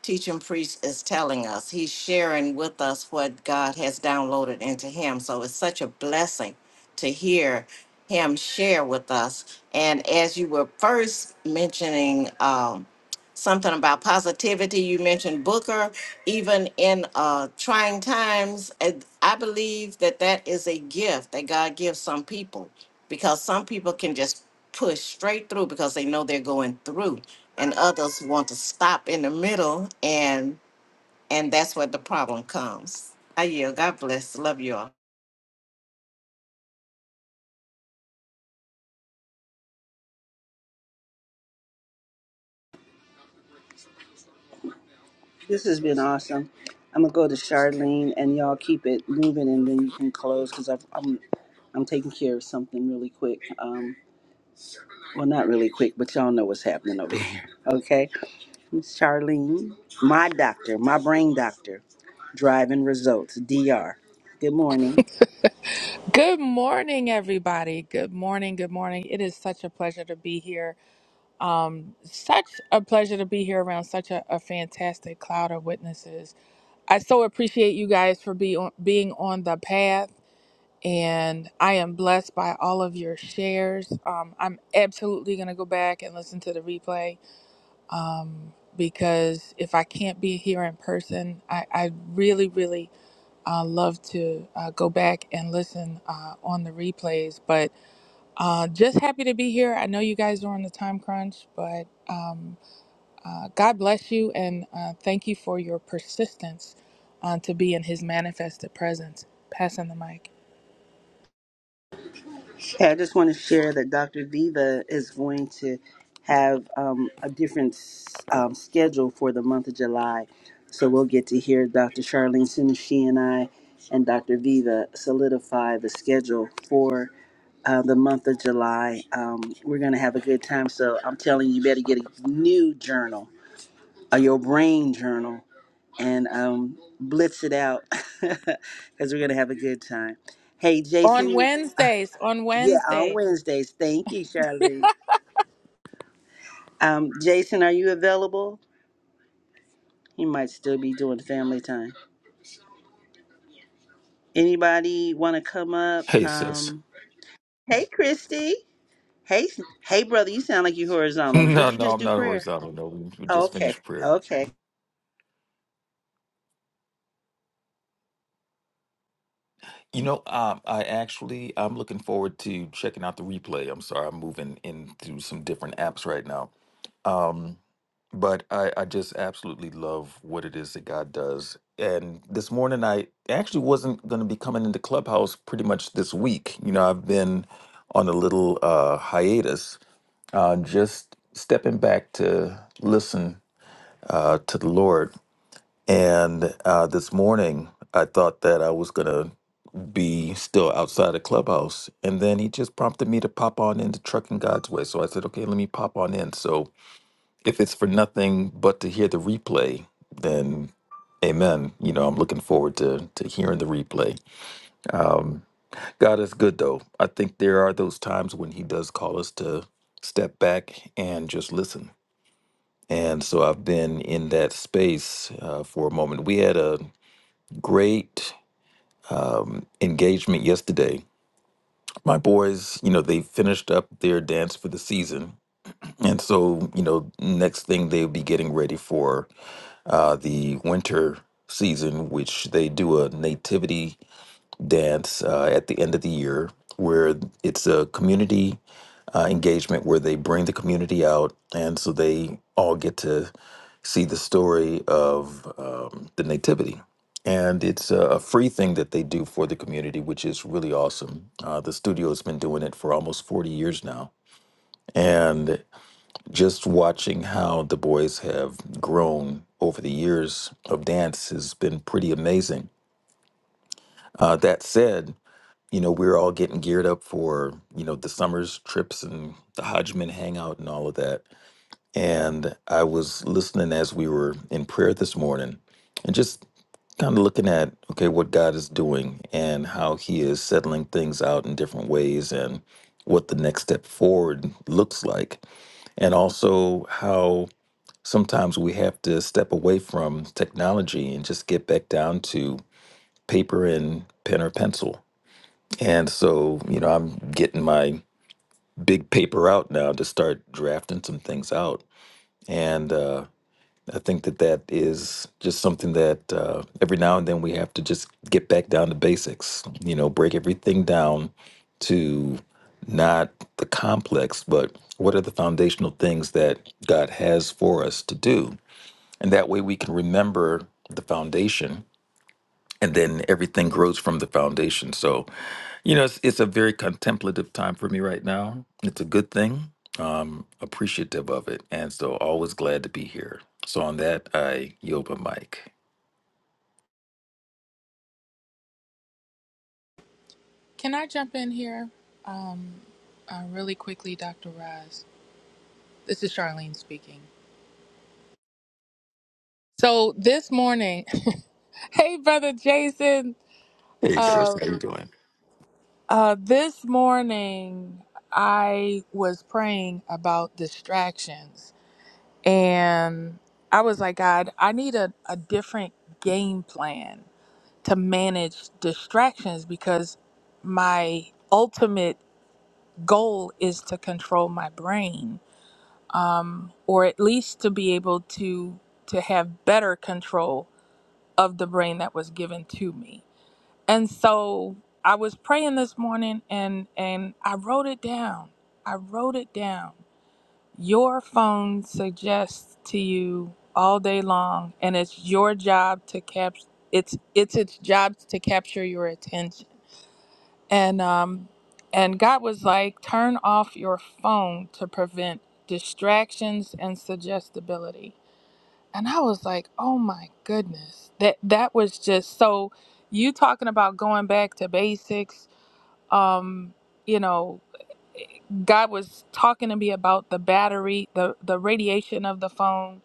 teaching priest is telling us he's sharing with us what God has downloaded into him so it's such a blessing to hear him share with us and as you were first mentioning um something about positivity. You mentioned Booker, even in uh, trying times. And I believe that that is a gift that God gives some people because some people can just push straight through because they know they're going through, and others want to stop in the middle, and and that's where the problem comes. I yield. God bless. Love you all. This has been awesome. I'm gonna go to Charlene and y'all keep it moving, and then you can close because I'm I'm taking care of something really quick. Um, well, not really quick, but y'all know what's happening over here. Okay. Charlene, my doctor, my brain doctor, driving results, DR. Good morning. Good morning, everybody. Good morning. Good morning. It is such a pleasure to be here. Such a pleasure to be here around such a, a fantastic cloud of witnesses. I so appreciate you guys for be on, being on the path, and I am blessed by all of your shares. Um, I'm absolutely going to go back and listen to the replay because if I can't be here in person, I, I really, really uh, love to uh, go back and listen uh, on the replays. But Uh, just happy to be here. I know you guys are on the time crunch, but um, uh, God bless you and uh, thank you for your persistence uh, to be in His manifested presence. Passing the mic. Hey, I just want to share that Dr. Viva is going to have um, a different um, schedule for the month of July. So we'll get to hear Dr. Charlene soon as she and I and Dr. Viva solidify the schedule for uh, the month of July. Um, we're going to have a good time. So I'm telling you, you better get a new journal, uh, your brain journal and um, blitz it out because we're going to have a good time. Hey, On Jason. Wednesdays, on Yeah, on Wednesdays. Wednesdays. Thank you, Charlene. Um, Jason, are you available? He might still be doing family time. Anybody want to come up? Hey, sis. Um, hey, Christy. Hey, hey, brother. You sound like you horizontal. Did No, you no, just I'm do not prayer? horizontal. No, we we Oh, just okay. finished prayer. Okay. You know, um, I actually I'm looking forward to checking out the replay. I'm sorry, I'm moving into some different apps right now. Um, but I, I just absolutely love what it is that God does. And this morning, I actually wasn't going to be coming into Clubhouse pretty much this week. You know, I've been on a little uh, hiatus, uh, just stepping back to listen uh, to the Lord And uh, this morning, I thought that I was going to be still outside the clubhouse. And then he just prompted me to pop on into Trucking God's Way. So I said, okay, let me pop on in. So if it's for nothing but to hear the replay, then amen. You know, I'm looking forward to, to hearing the replay. God is good, though. I think there are those times when he does call us to step back and just listen. And so I've been in that space uh, for a moment. We had a great engagement yesterday. My boys, you know, they finished up their dance for the season. And so, you know, next thing they'll be getting ready for uh, the winter season, which they do a nativity dance uh, at the end of the year where it's a community uh, engagement where they bring the community out and so they all get to see the story of um, the nativity and it's a a free thing that they do for the community which is really awesome uh, the studio has been doing it for almost 40 years now and just watching how the boys have grown over the years of dance has been pretty amazing uh, that said you know, we we're all getting geared up for, you know, the summer's trips and the Hodgman hangout and all of that. And I was listening as we were in prayer this morning and just kind of looking at, okay, what God is doing and how He is settling things out in different ways and what the next step forward looks like. And also how sometimes we have to step away from technology and just get back down to paper and pen or pencil and so, you know, I'm getting my big paper out now to start drafting some things out. And uh, I think that that is just something that uh, every now and then we have to just get back down to basics, you know, break everything down to not the complex, but what are the foundational things that God has for us to do? And that way we can remember the foundation and then everything grows from the foundation. So you know, it's, it's a very contemplative time for me right now. It's a good thing. Um, appreciative of it, and so always glad to be here. So on that, I yield my mic. Can I jump in here um, uh, really quickly, Dr. Roz? This is Charlene speaking. So this morning, hey, Brother Jason. Hey, Uh, sis, how you doing? Uh, this morning, I was praying about distractions, and I was like, God, I need a, a different game plan to manage distractions because my ultimate goal is to control my brain, or at least to be able to to have better control of the brain that was given to me. And so I was praying this morning and and I wrote it down. I wrote it down. Your phone suggests to you all day long and it's your job to cap it's it's its job to capture your attention. And um and God was like, "Turn off your phone to prevent distractions and suggestibility." And I was like, "Oh my goodness." That that was just so you talking about going back to basics um you know god was talking to me about the battery the the radiation of the phone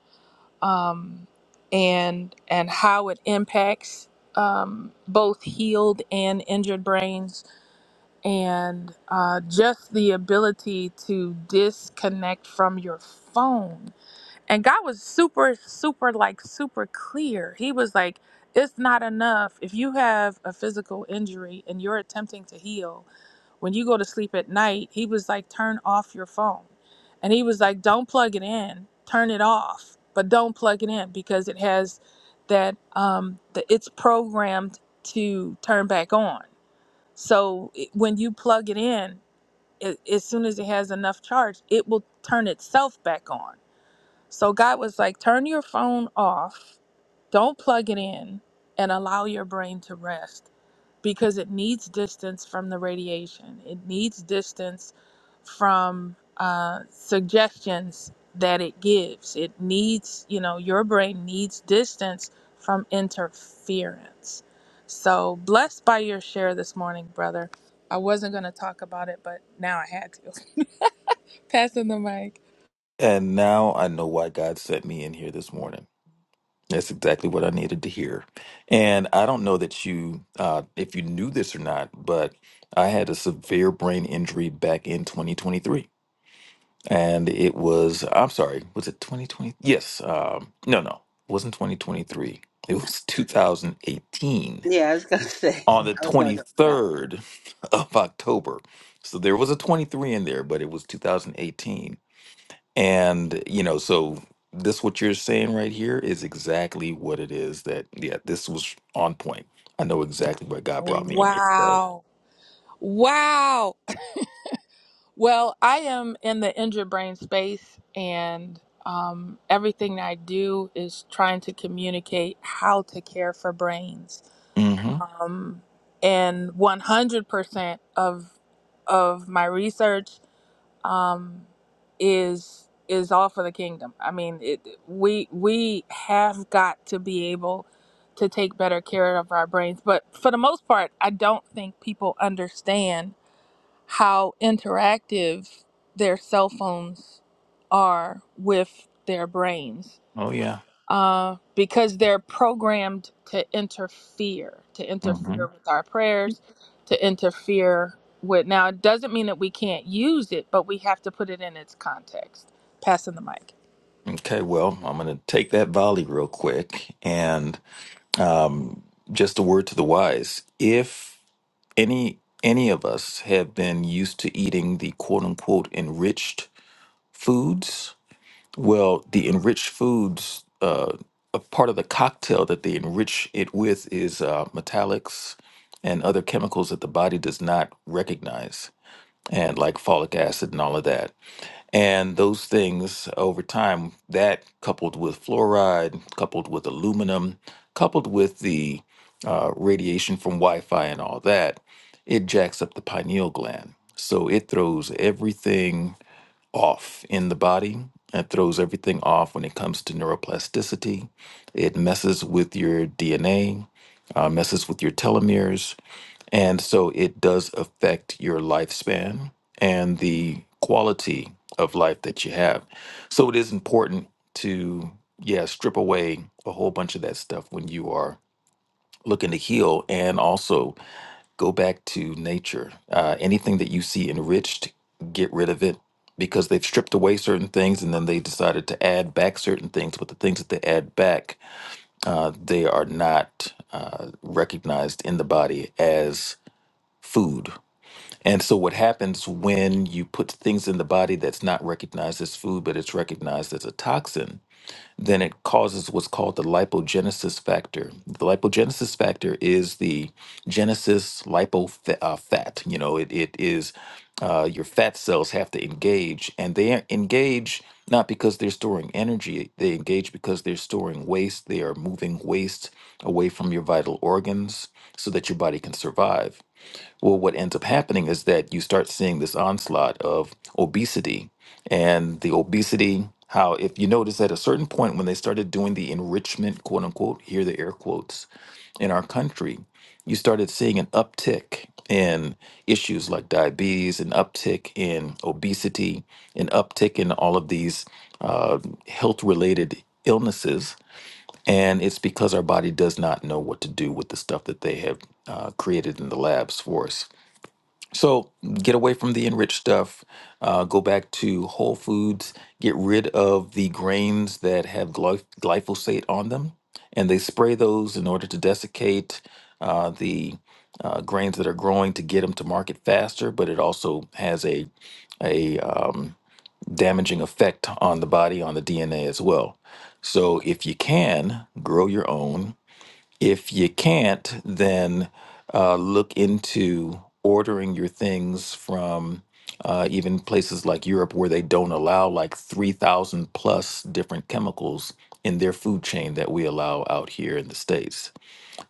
um and and how it impacts um both healed and injured brains and uh just the ability to disconnect from your phone and god was super super like super clear he was like it's not enough if you have a physical injury and you're attempting to heal when you go to sleep at night, he was like, turn off your phone. And he was like, don't plug it in, turn it off, but don't plug it in because it has that, um, the, it's programmed to turn back on. So it, when you plug it in, it, as soon as it has enough charge, it will turn itself back on. So God was like, turn your phone off, don't plug it in, and allow your brain to rest because it needs distance from the radiation. It needs distance from uh, suggestions that it gives. It needs, you know, your brain needs distance from interference. So blessed by your share this morning, brother. I wasn't going to talk about it, but now I had to. Passing the mic. And now I know why God sent me in here this morning. That's exactly what I needed to hear. And I don't know that you, uh, if you knew this or not, but I had a severe brain injury back in 2023. and it was I'm sorry, was it 2020? Yes, um, no, no, it wasn't 2023. It was 2018 Yeah, I was gonna say. on the I was gonna go. Yeah. 23rd of October. So there was a 23 in there, but it was 2018. And you know, so this what you're saying right here is exactly what it is that yeah, this was on point. I know exactly where God brought me in here today. Wow. Wow. Well, I am in the injured brain space, and um, everything I do is trying to communicate how to care for brains. Mm-hmm. Um, and 100% of of my research um, is is all for the kingdom. I mean, it, we we have got to be able to take better care of our brains, but for the most part, I don't think people understand how interactive their cell phones are with their brains Oh yeah. uh, because they're programmed to interfere, to Mm-hmm. interfere with our prayers, to interfere with. Now, it doesn't mean that we can't use it, but we have to put it in its context. Passing the mic. Okay, well, I'm gonna take that volley real quick, and um, just a word to the wise if any any of us have been used to eating the quote unquote enriched foods well the enriched foods uh, a part of the cocktail that they enrich it with is uh, metallics and other chemicals that the body does not recognize and like folic acid and all of that and those things over time, that coupled with fluoride, coupled with aluminum, coupled with the uh, radiation from Wi Fi and all that, it jacks up the pineal gland. So it throws everything off in the body. It throws everything off when it comes to neuroplasticity. It messes with your DNA, uh, messes with your telomeres. And so it does affect your lifespan and the quality of life that you have. So it is important to, yeah, strip away a whole bunch of that stuff when you are looking to heal and also go back to nature. Uh, anything that you see enriched, get rid of it because they've stripped away certain things and then they decided to add back certain things. But the things that they add back, uh, they are not uh, recognized in the body as food and so, what happens when you put things in the body that's not recognized as food, but it's recognized as a toxin? Then it causes what's called the lipogenesis factor. The lipogenesis factor is the genesis lipo fa- uh, fat. You know, it, it is uh, your fat cells have to engage, and they engage not because they're storing energy, they engage because they're storing waste. They are moving waste away from your vital organs so that your body can survive. Well, what ends up happening is that you start seeing this onslaught of obesity and the obesity. How, if you notice at a certain point when they started doing the enrichment, quote unquote, here the air quotes, in our country, you started seeing an uptick in issues like diabetes, an uptick in obesity, an uptick in all of these uh, health related illnesses. And it's because our body does not know what to do with the stuff that they have uh, created in the labs for us. So get away from the enriched stuff. Uh, go back to whole foods. Get rid of the grains that have glyph- glyphosate on them, and they spray those in order to desiccate uh, the uh, grains that are growing to get them to market faster. But it also has a a uh, damaging effect on the body on the DNA as well. So if you can grow your own, if you can't, then uh, look into ordering your things from uh, even places like Europe where they don't allow like 3,000 plus different chemicals in their food chain that we allow out here in the States.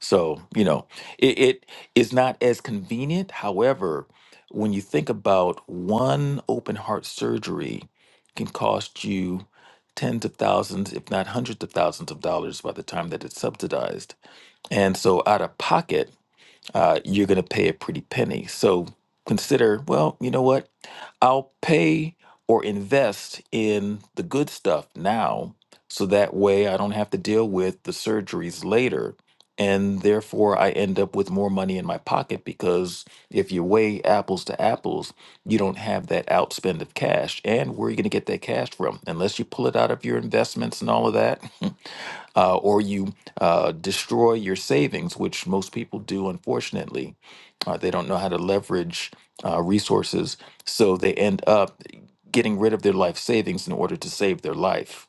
So, you know, it, it is not as convenient. However, when you think about one open heart surgery can cost you tens of thousands, if not hundreds of thousands of dollars by the time that it's subsidized and so out of pocket, uh, you're going to pay a pretty penny. So consider, well, you know what? I'll pay or invest in the good stuff now so that way I don't have to deal with the surgeries later. And therefore, I end up with more money in my pocket because if you weigh apples to apples, you don't have that outspend of cash. And where are you going to get that cash from? Unless you pull it out of your investments and all of that, uh, or you uh, destroy your savings, which most people do, unfortunately. Uh, they don't know how to leverage uh, resources, so they end up getting rid of their life savings in order to save their life.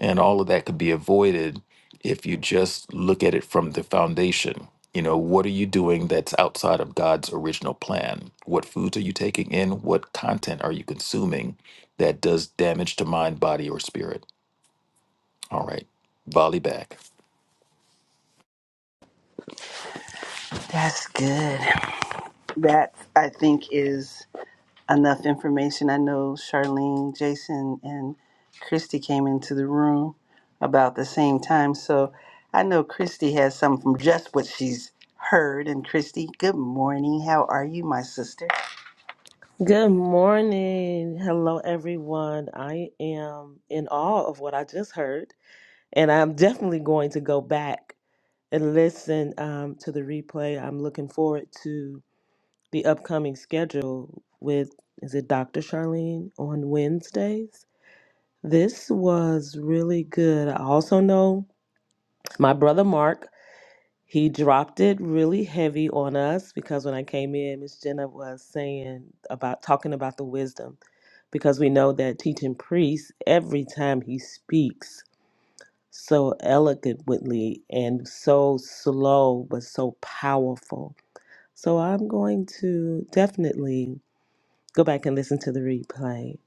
And all of that could be avoided if you just look at it from the foundation. You know, what are you doing that's outside of God's original plan? What foods are you taking in? What content are you consuming that does damage to mind, body, or spirit? All right, volley back. That's good. That I think is. enough information. I know Charlene, Jason, and Christy came into the room about the same time. So I know Christy has some from just what she's heard. And Christy, good morning. How are you, my sister? Good morning. Hello, everyone. I am in awe of what I just heard, and I'm definitely going to go back and listen um, to the replay. I'm looking forward to the upcoming schedule with, is it Dr. Charlene on Wednesdays? This was really good. I also know my brother Mark, he dropped it really heavy on us because when I came in, Miss Jenna was saying about talking about the wisdom. because we know that teaching priest, every time he speaks so eloquently and so slow, but so powerful. So I'm going to definitely go back and listen to the replay.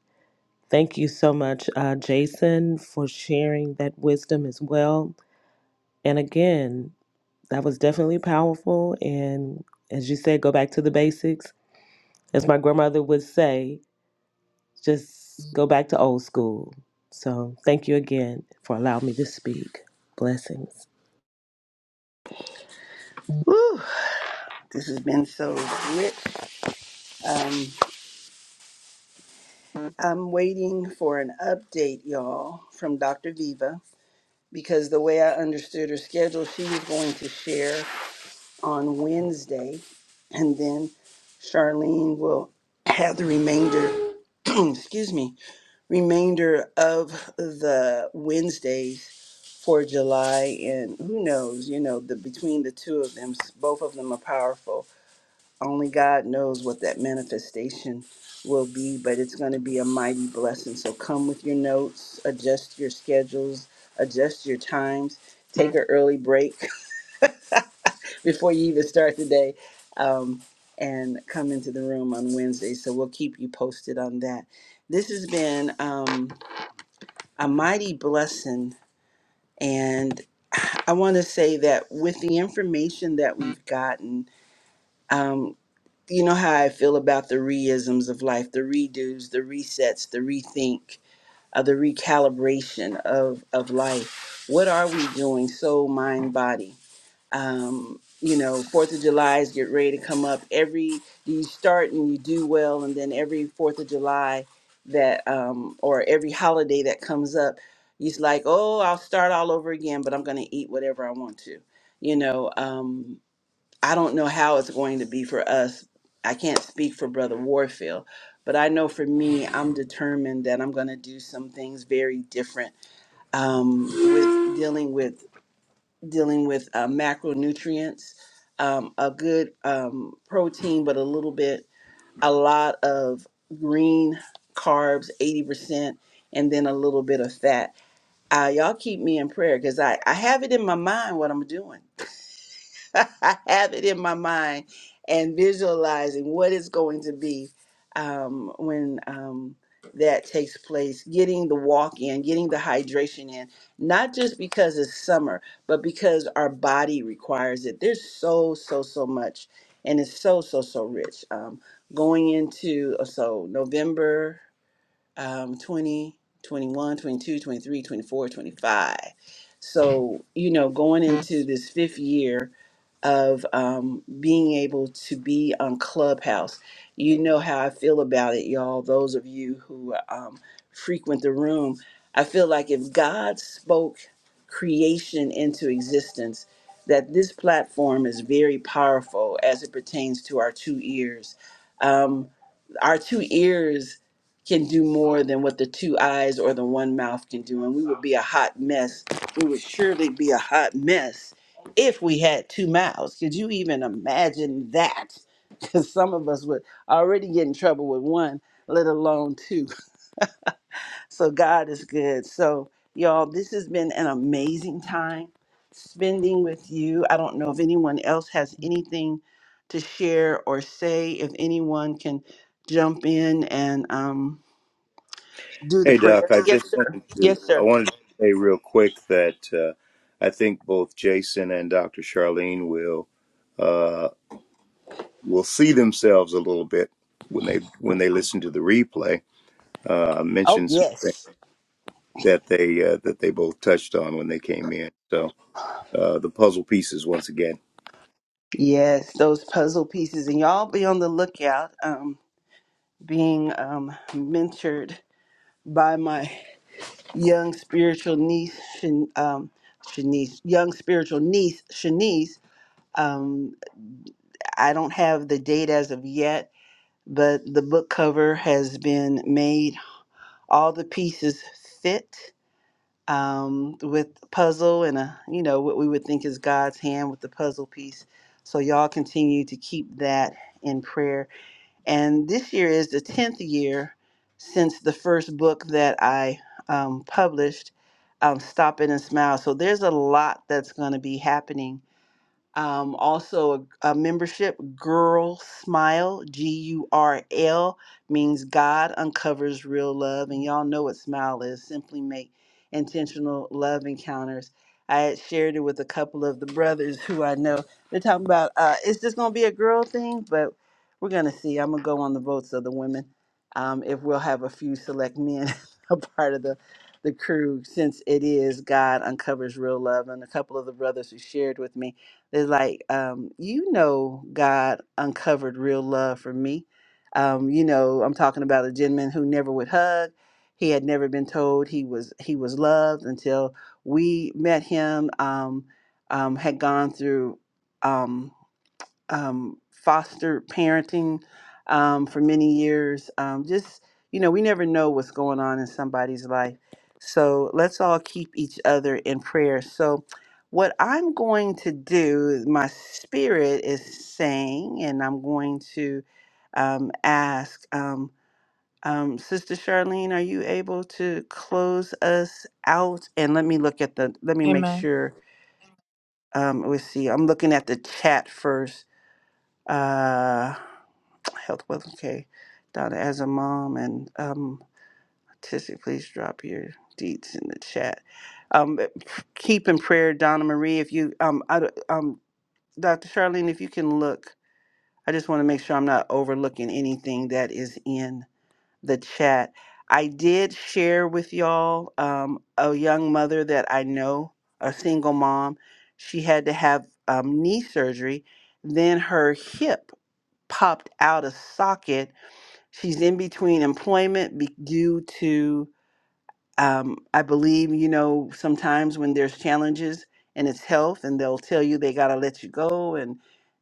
Thank you so much, uh, Jason, for sharing that wisdom as well. And again, that was definitely powerful. And as you said, go back to the basics. As my grandmother would say, just go back to old school. So thank you again for allowing me to speak. Blessings. Woo, this has been so rich. Um, I'm waiting for an update, y'all, from Dr. Viva because the way I understood her schedule, she was going to share. on Wednesday, and then Charlene will have the remainder, excuse me, remainder of the Wednesdays for July. And who knows, you know, the between the two of them, s- both of them are powerful. Only God knows what that manifestation will be, but it's going to be a mighty blessing. So come with your notes, adjust your schedules, adjust your times, take an early break. before you even start the day um, and come into the room on Wednesday. So we'll keep you posted on that. This has been um, a mighty blessing. And I want to say that with the information that we've gotten, um, you know how I feel about the reisms of life, the redos, the resets, the rethink, uh, the recalibration of, of life. What are we doing? Soul, mind, body um, you know, Fourth of July is get ready to come up. Every you start and you do well, and then every Fourth of July that um, or every holiday that comes up, he's like, "Oh, I'll start all over again, but I'm going to eat whatever I want to." You know, um, I don't know how it's going to be for us. I can't speak for Brother Warfield, but I know for me, I'm determined that I'm going to do some things very different um, with dealing with dealing with uh, macronutrients, um, a good um, protein, but a little bit, a lot of green carbs, 80%, and then a little bit of fat. Uh, y'all keep me in prayer because I, I have it in my mind what I'm doing. I have it in my mind and visualizing what it's going to be um, when um, that takes place, getting the walk in, getting the hydration in, not just because it's summer, but because our body requires it. There's so, so, so much, and it's so, so, so rich. Um, going into, uh, so November um, 20, 21, 22, 23, 24, 25. So, you know, going into this fifth year of um, being able to be on Clubhouse, you know how I feel about it, y'all. Those of you who um, frequent the room, I feel like if God spoke creation into existence, that this platform is very powerful as it pertains to our two ears. Um, our two ears can do more than what the two eyes or the one mouth can do. And we would be a hot mess. We would surely be a hot mess if we had two mouths. Could you even imagine that? Because some of us would already get in trouble with one, let alone two. So God is good. So, y'all, this has been an amazing time spending with you. I don't know if anyone else has anything to share or say, if anyone can jump in and, um, do the Hey Doc, prayer. I just Yes, sir. wanted to Yes, I sir. wanted to say real quick that uh, I think both Jason and Dr. Charlene will uh, will see themselves a little bit when they when they listen to the replay. Uh, I Oh, mentioned some things yes. that they uh, that they both touched on when they came in. So uh, the puzzle pieces once again. Yes, those puzzle pieces. And y'all be on the lookout, um, being um, mentored by my young spiritual niece, Shan- um, Shanice, young spiritual niece, Shanice. Um, I don't have the date as of yet, but the book cover has been made. All the pieces fit. um, with puzzle and a you know what we would think is God's hand with the puzzle piece. So y'all continue to keep that in prayer. And this year is the tenth year since the first book that I um, published, um, "Stop It and Smile." So there's a lot that's going to be happening um, also a, a membership girl smile g-u-r-l means god uncovers real love and y'all know what smile is simply make intentional love encounters i had shared it with a couple of the brothers who i know they're talking about uh, it's just going to be a girl thing but we're going to see i'm going to go on the votes of the women um, if we'll have a few select men a part of the the crew since it is god uncovers real love and a couple of the brothers who shared with me they're like, um, you know, God uncovered real love for me. Um, you know, I'm talking about a gentleman who never would hug. He had never been told he was he was loved until we met him. Um, um, had gone through. Um, um, foster parenting um, for many years. Um, just, you know, we never know what's going on in somebody's life. So let's all keep each other in prayer. So, what I'm going to do, my spirit is saying, and I'm going to um, ask um, um, Sister Charlene, are you able to close us out? And let me look at the, let me make Amen. sure. Um, let's see, I'm looking at the chat first. Uh, Health Wealth and K. Donna, as a mom and um, autistic, please drop your deeds in the chat. Um, keep in prayer, Donna Marie. If you, um, I, d- um, Dr. Charlene, if you can look, I just want to make sure I'm not overlooking anything that is in the chat. I did share with y'all um, a young mother that I know, a single mom. She had to have um, knee surgery. Then her hip popped out of socket She's in between employment be- due to, um, I believe, you know, sometimes when there's challenges and it's health, and they'll tell you they got to let you go. And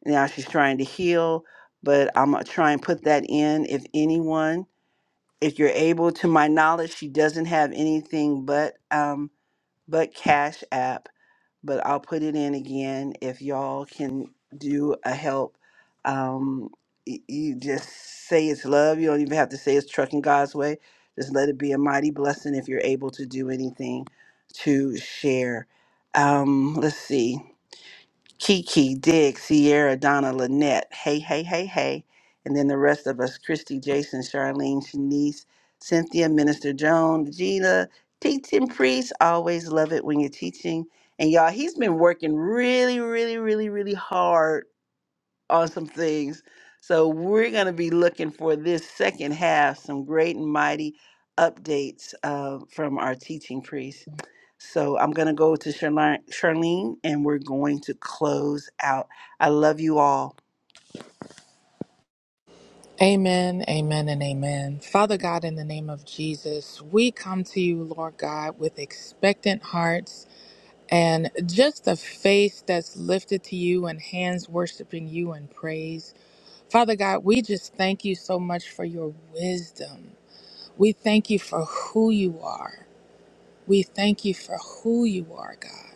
now she's trying to heal. But I'm going to try and put that in if anyone, if you're able. To my knowledge, she doesn't have anything but um, but Cash App but I'll put it in again if y'all can do a help. Um, y- you just say it's love. You don't even have to say it's trucking God's way. Just let it be a mighty blessing if you're able to do anything to share. Um, let's see. Kiki, Dig, Sierra, Donna, Lynette, Hey, Hey, Hey, Hey, and then the rest of us, Christy, Jason, Charlene, Shanice, Cynthia, Minister Joan, Gina, teaching priest, always love it when you're teaching. And y'all, he's been working really, really, really, really hard on some things. So we're going to be looking for this second half, some great and mighty updates uh, from our teaching priest. So I'm going to go to Charlene, Charlene and we're going to close out. I love you all. Amen, amen, and amen. Father God, in the name of Jesus, we come to you, Lord God, with expectant hearts And just a face that's lifted to you and hands worshiping you in praise. Father God, we just thank you so much for your wisdom. We thank you for who you are. We thank you for who you are, God.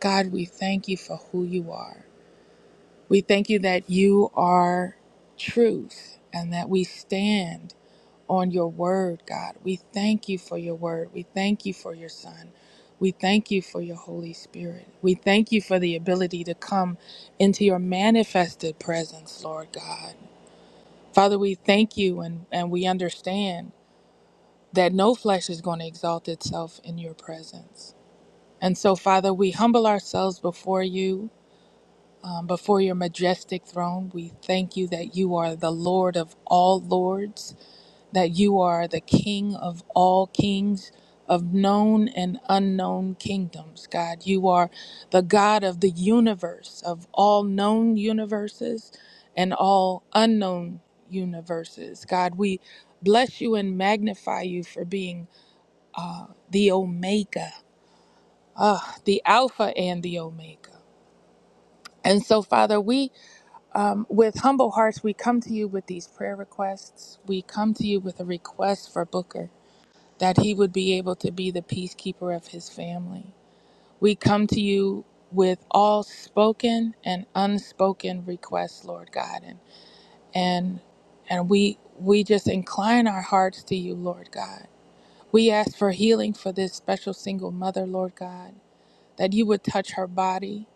God, we thank you for who you are. We thank you that you are truth and that we stand on your word, God. We thank you for your word. We thank you for your son. We thank you for your Holy Spirit. We thank you for the ability to come into your manifested presence, Lord God. Father, we thank you and, and we understand that no flesh is going to exalt itself in your presence. And so, Father, we humble ourselves before you, um, before your majestic throne. We thank you that you are the Lord of all lords that you are the King of all kings, of known and unknown kingdoms, God. You are the God of the universe, of all known universes and all unknown universes. God, we bless you and magnify you for being the Omega, the Alpha and the Omega. And so, Father, we, um, with humble hearts, we come to you with these prayer requests. We come to you with a request for Booker. that he would be able to be the peacekeeper of his family. We come to you with all spoken and unspoken requests, Lord God, and and and we we just incline our hearts to you, Lord God. We ask for healing for this special single mother, Lord God, that you would touch her body,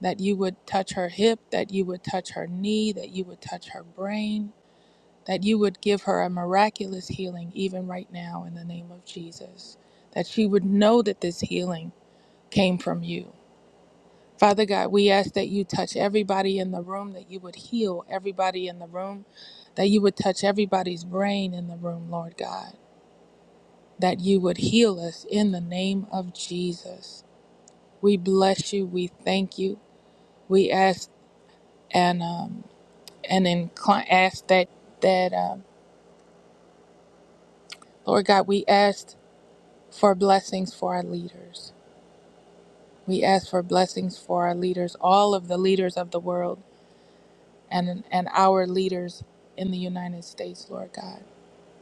that you would touch her hip, that you would touch her knee, that you would touch her brain, that you would give her a miraculous healing even right now in the name of Jesus, that she would know that this healing came from you. Father God, we ask that you touch everybody in the room, that you would heal everybody in the room, that you would touch everybody's brain in the room, Lord God, that you would heal us in the name of Jesus. We bless you. We thank you. We ask and um, and incline, ask that that um, Lord God, we ask for blessings for our leaders. We ask for blessings for our leaders, all of the leaders of the world and, and our leaders in the United States, Lord God.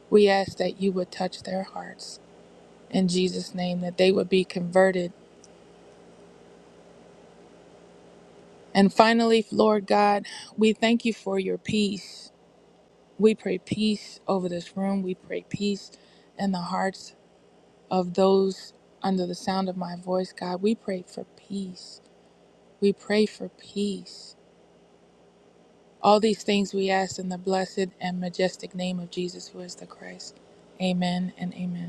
We ask that you would touch their hearts in Jesus' name, that they would be converted. And finally, Lord God, we thank you for your peace. We pray peace over this room. We pray peace in the hearts of those under the sound of my voice, God. We pray for peace. We pray for peace. All these things we ask in the blessed and majestic name of Jesus, who is the Christ. Amen and amen.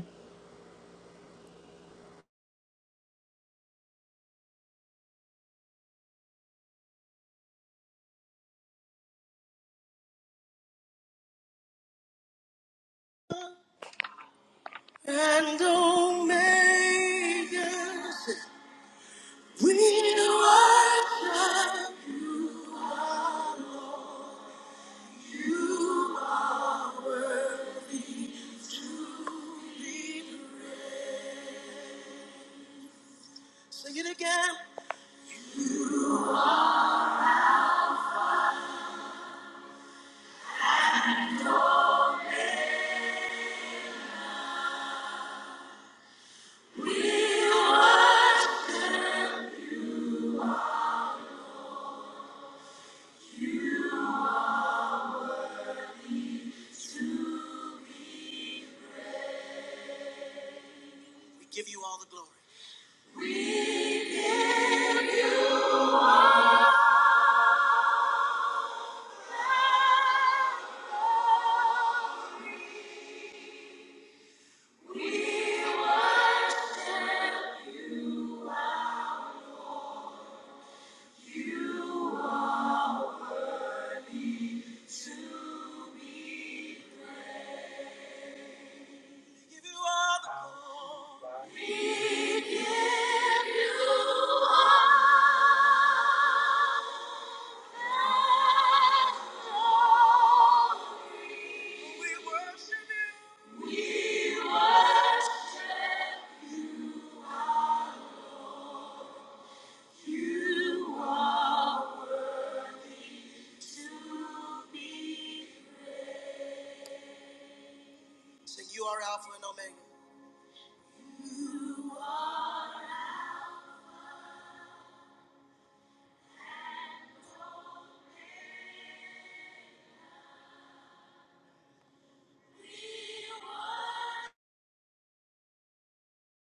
We give you all the glory. We give you all the glory. We worship. Sing, you are Alpha and Omega.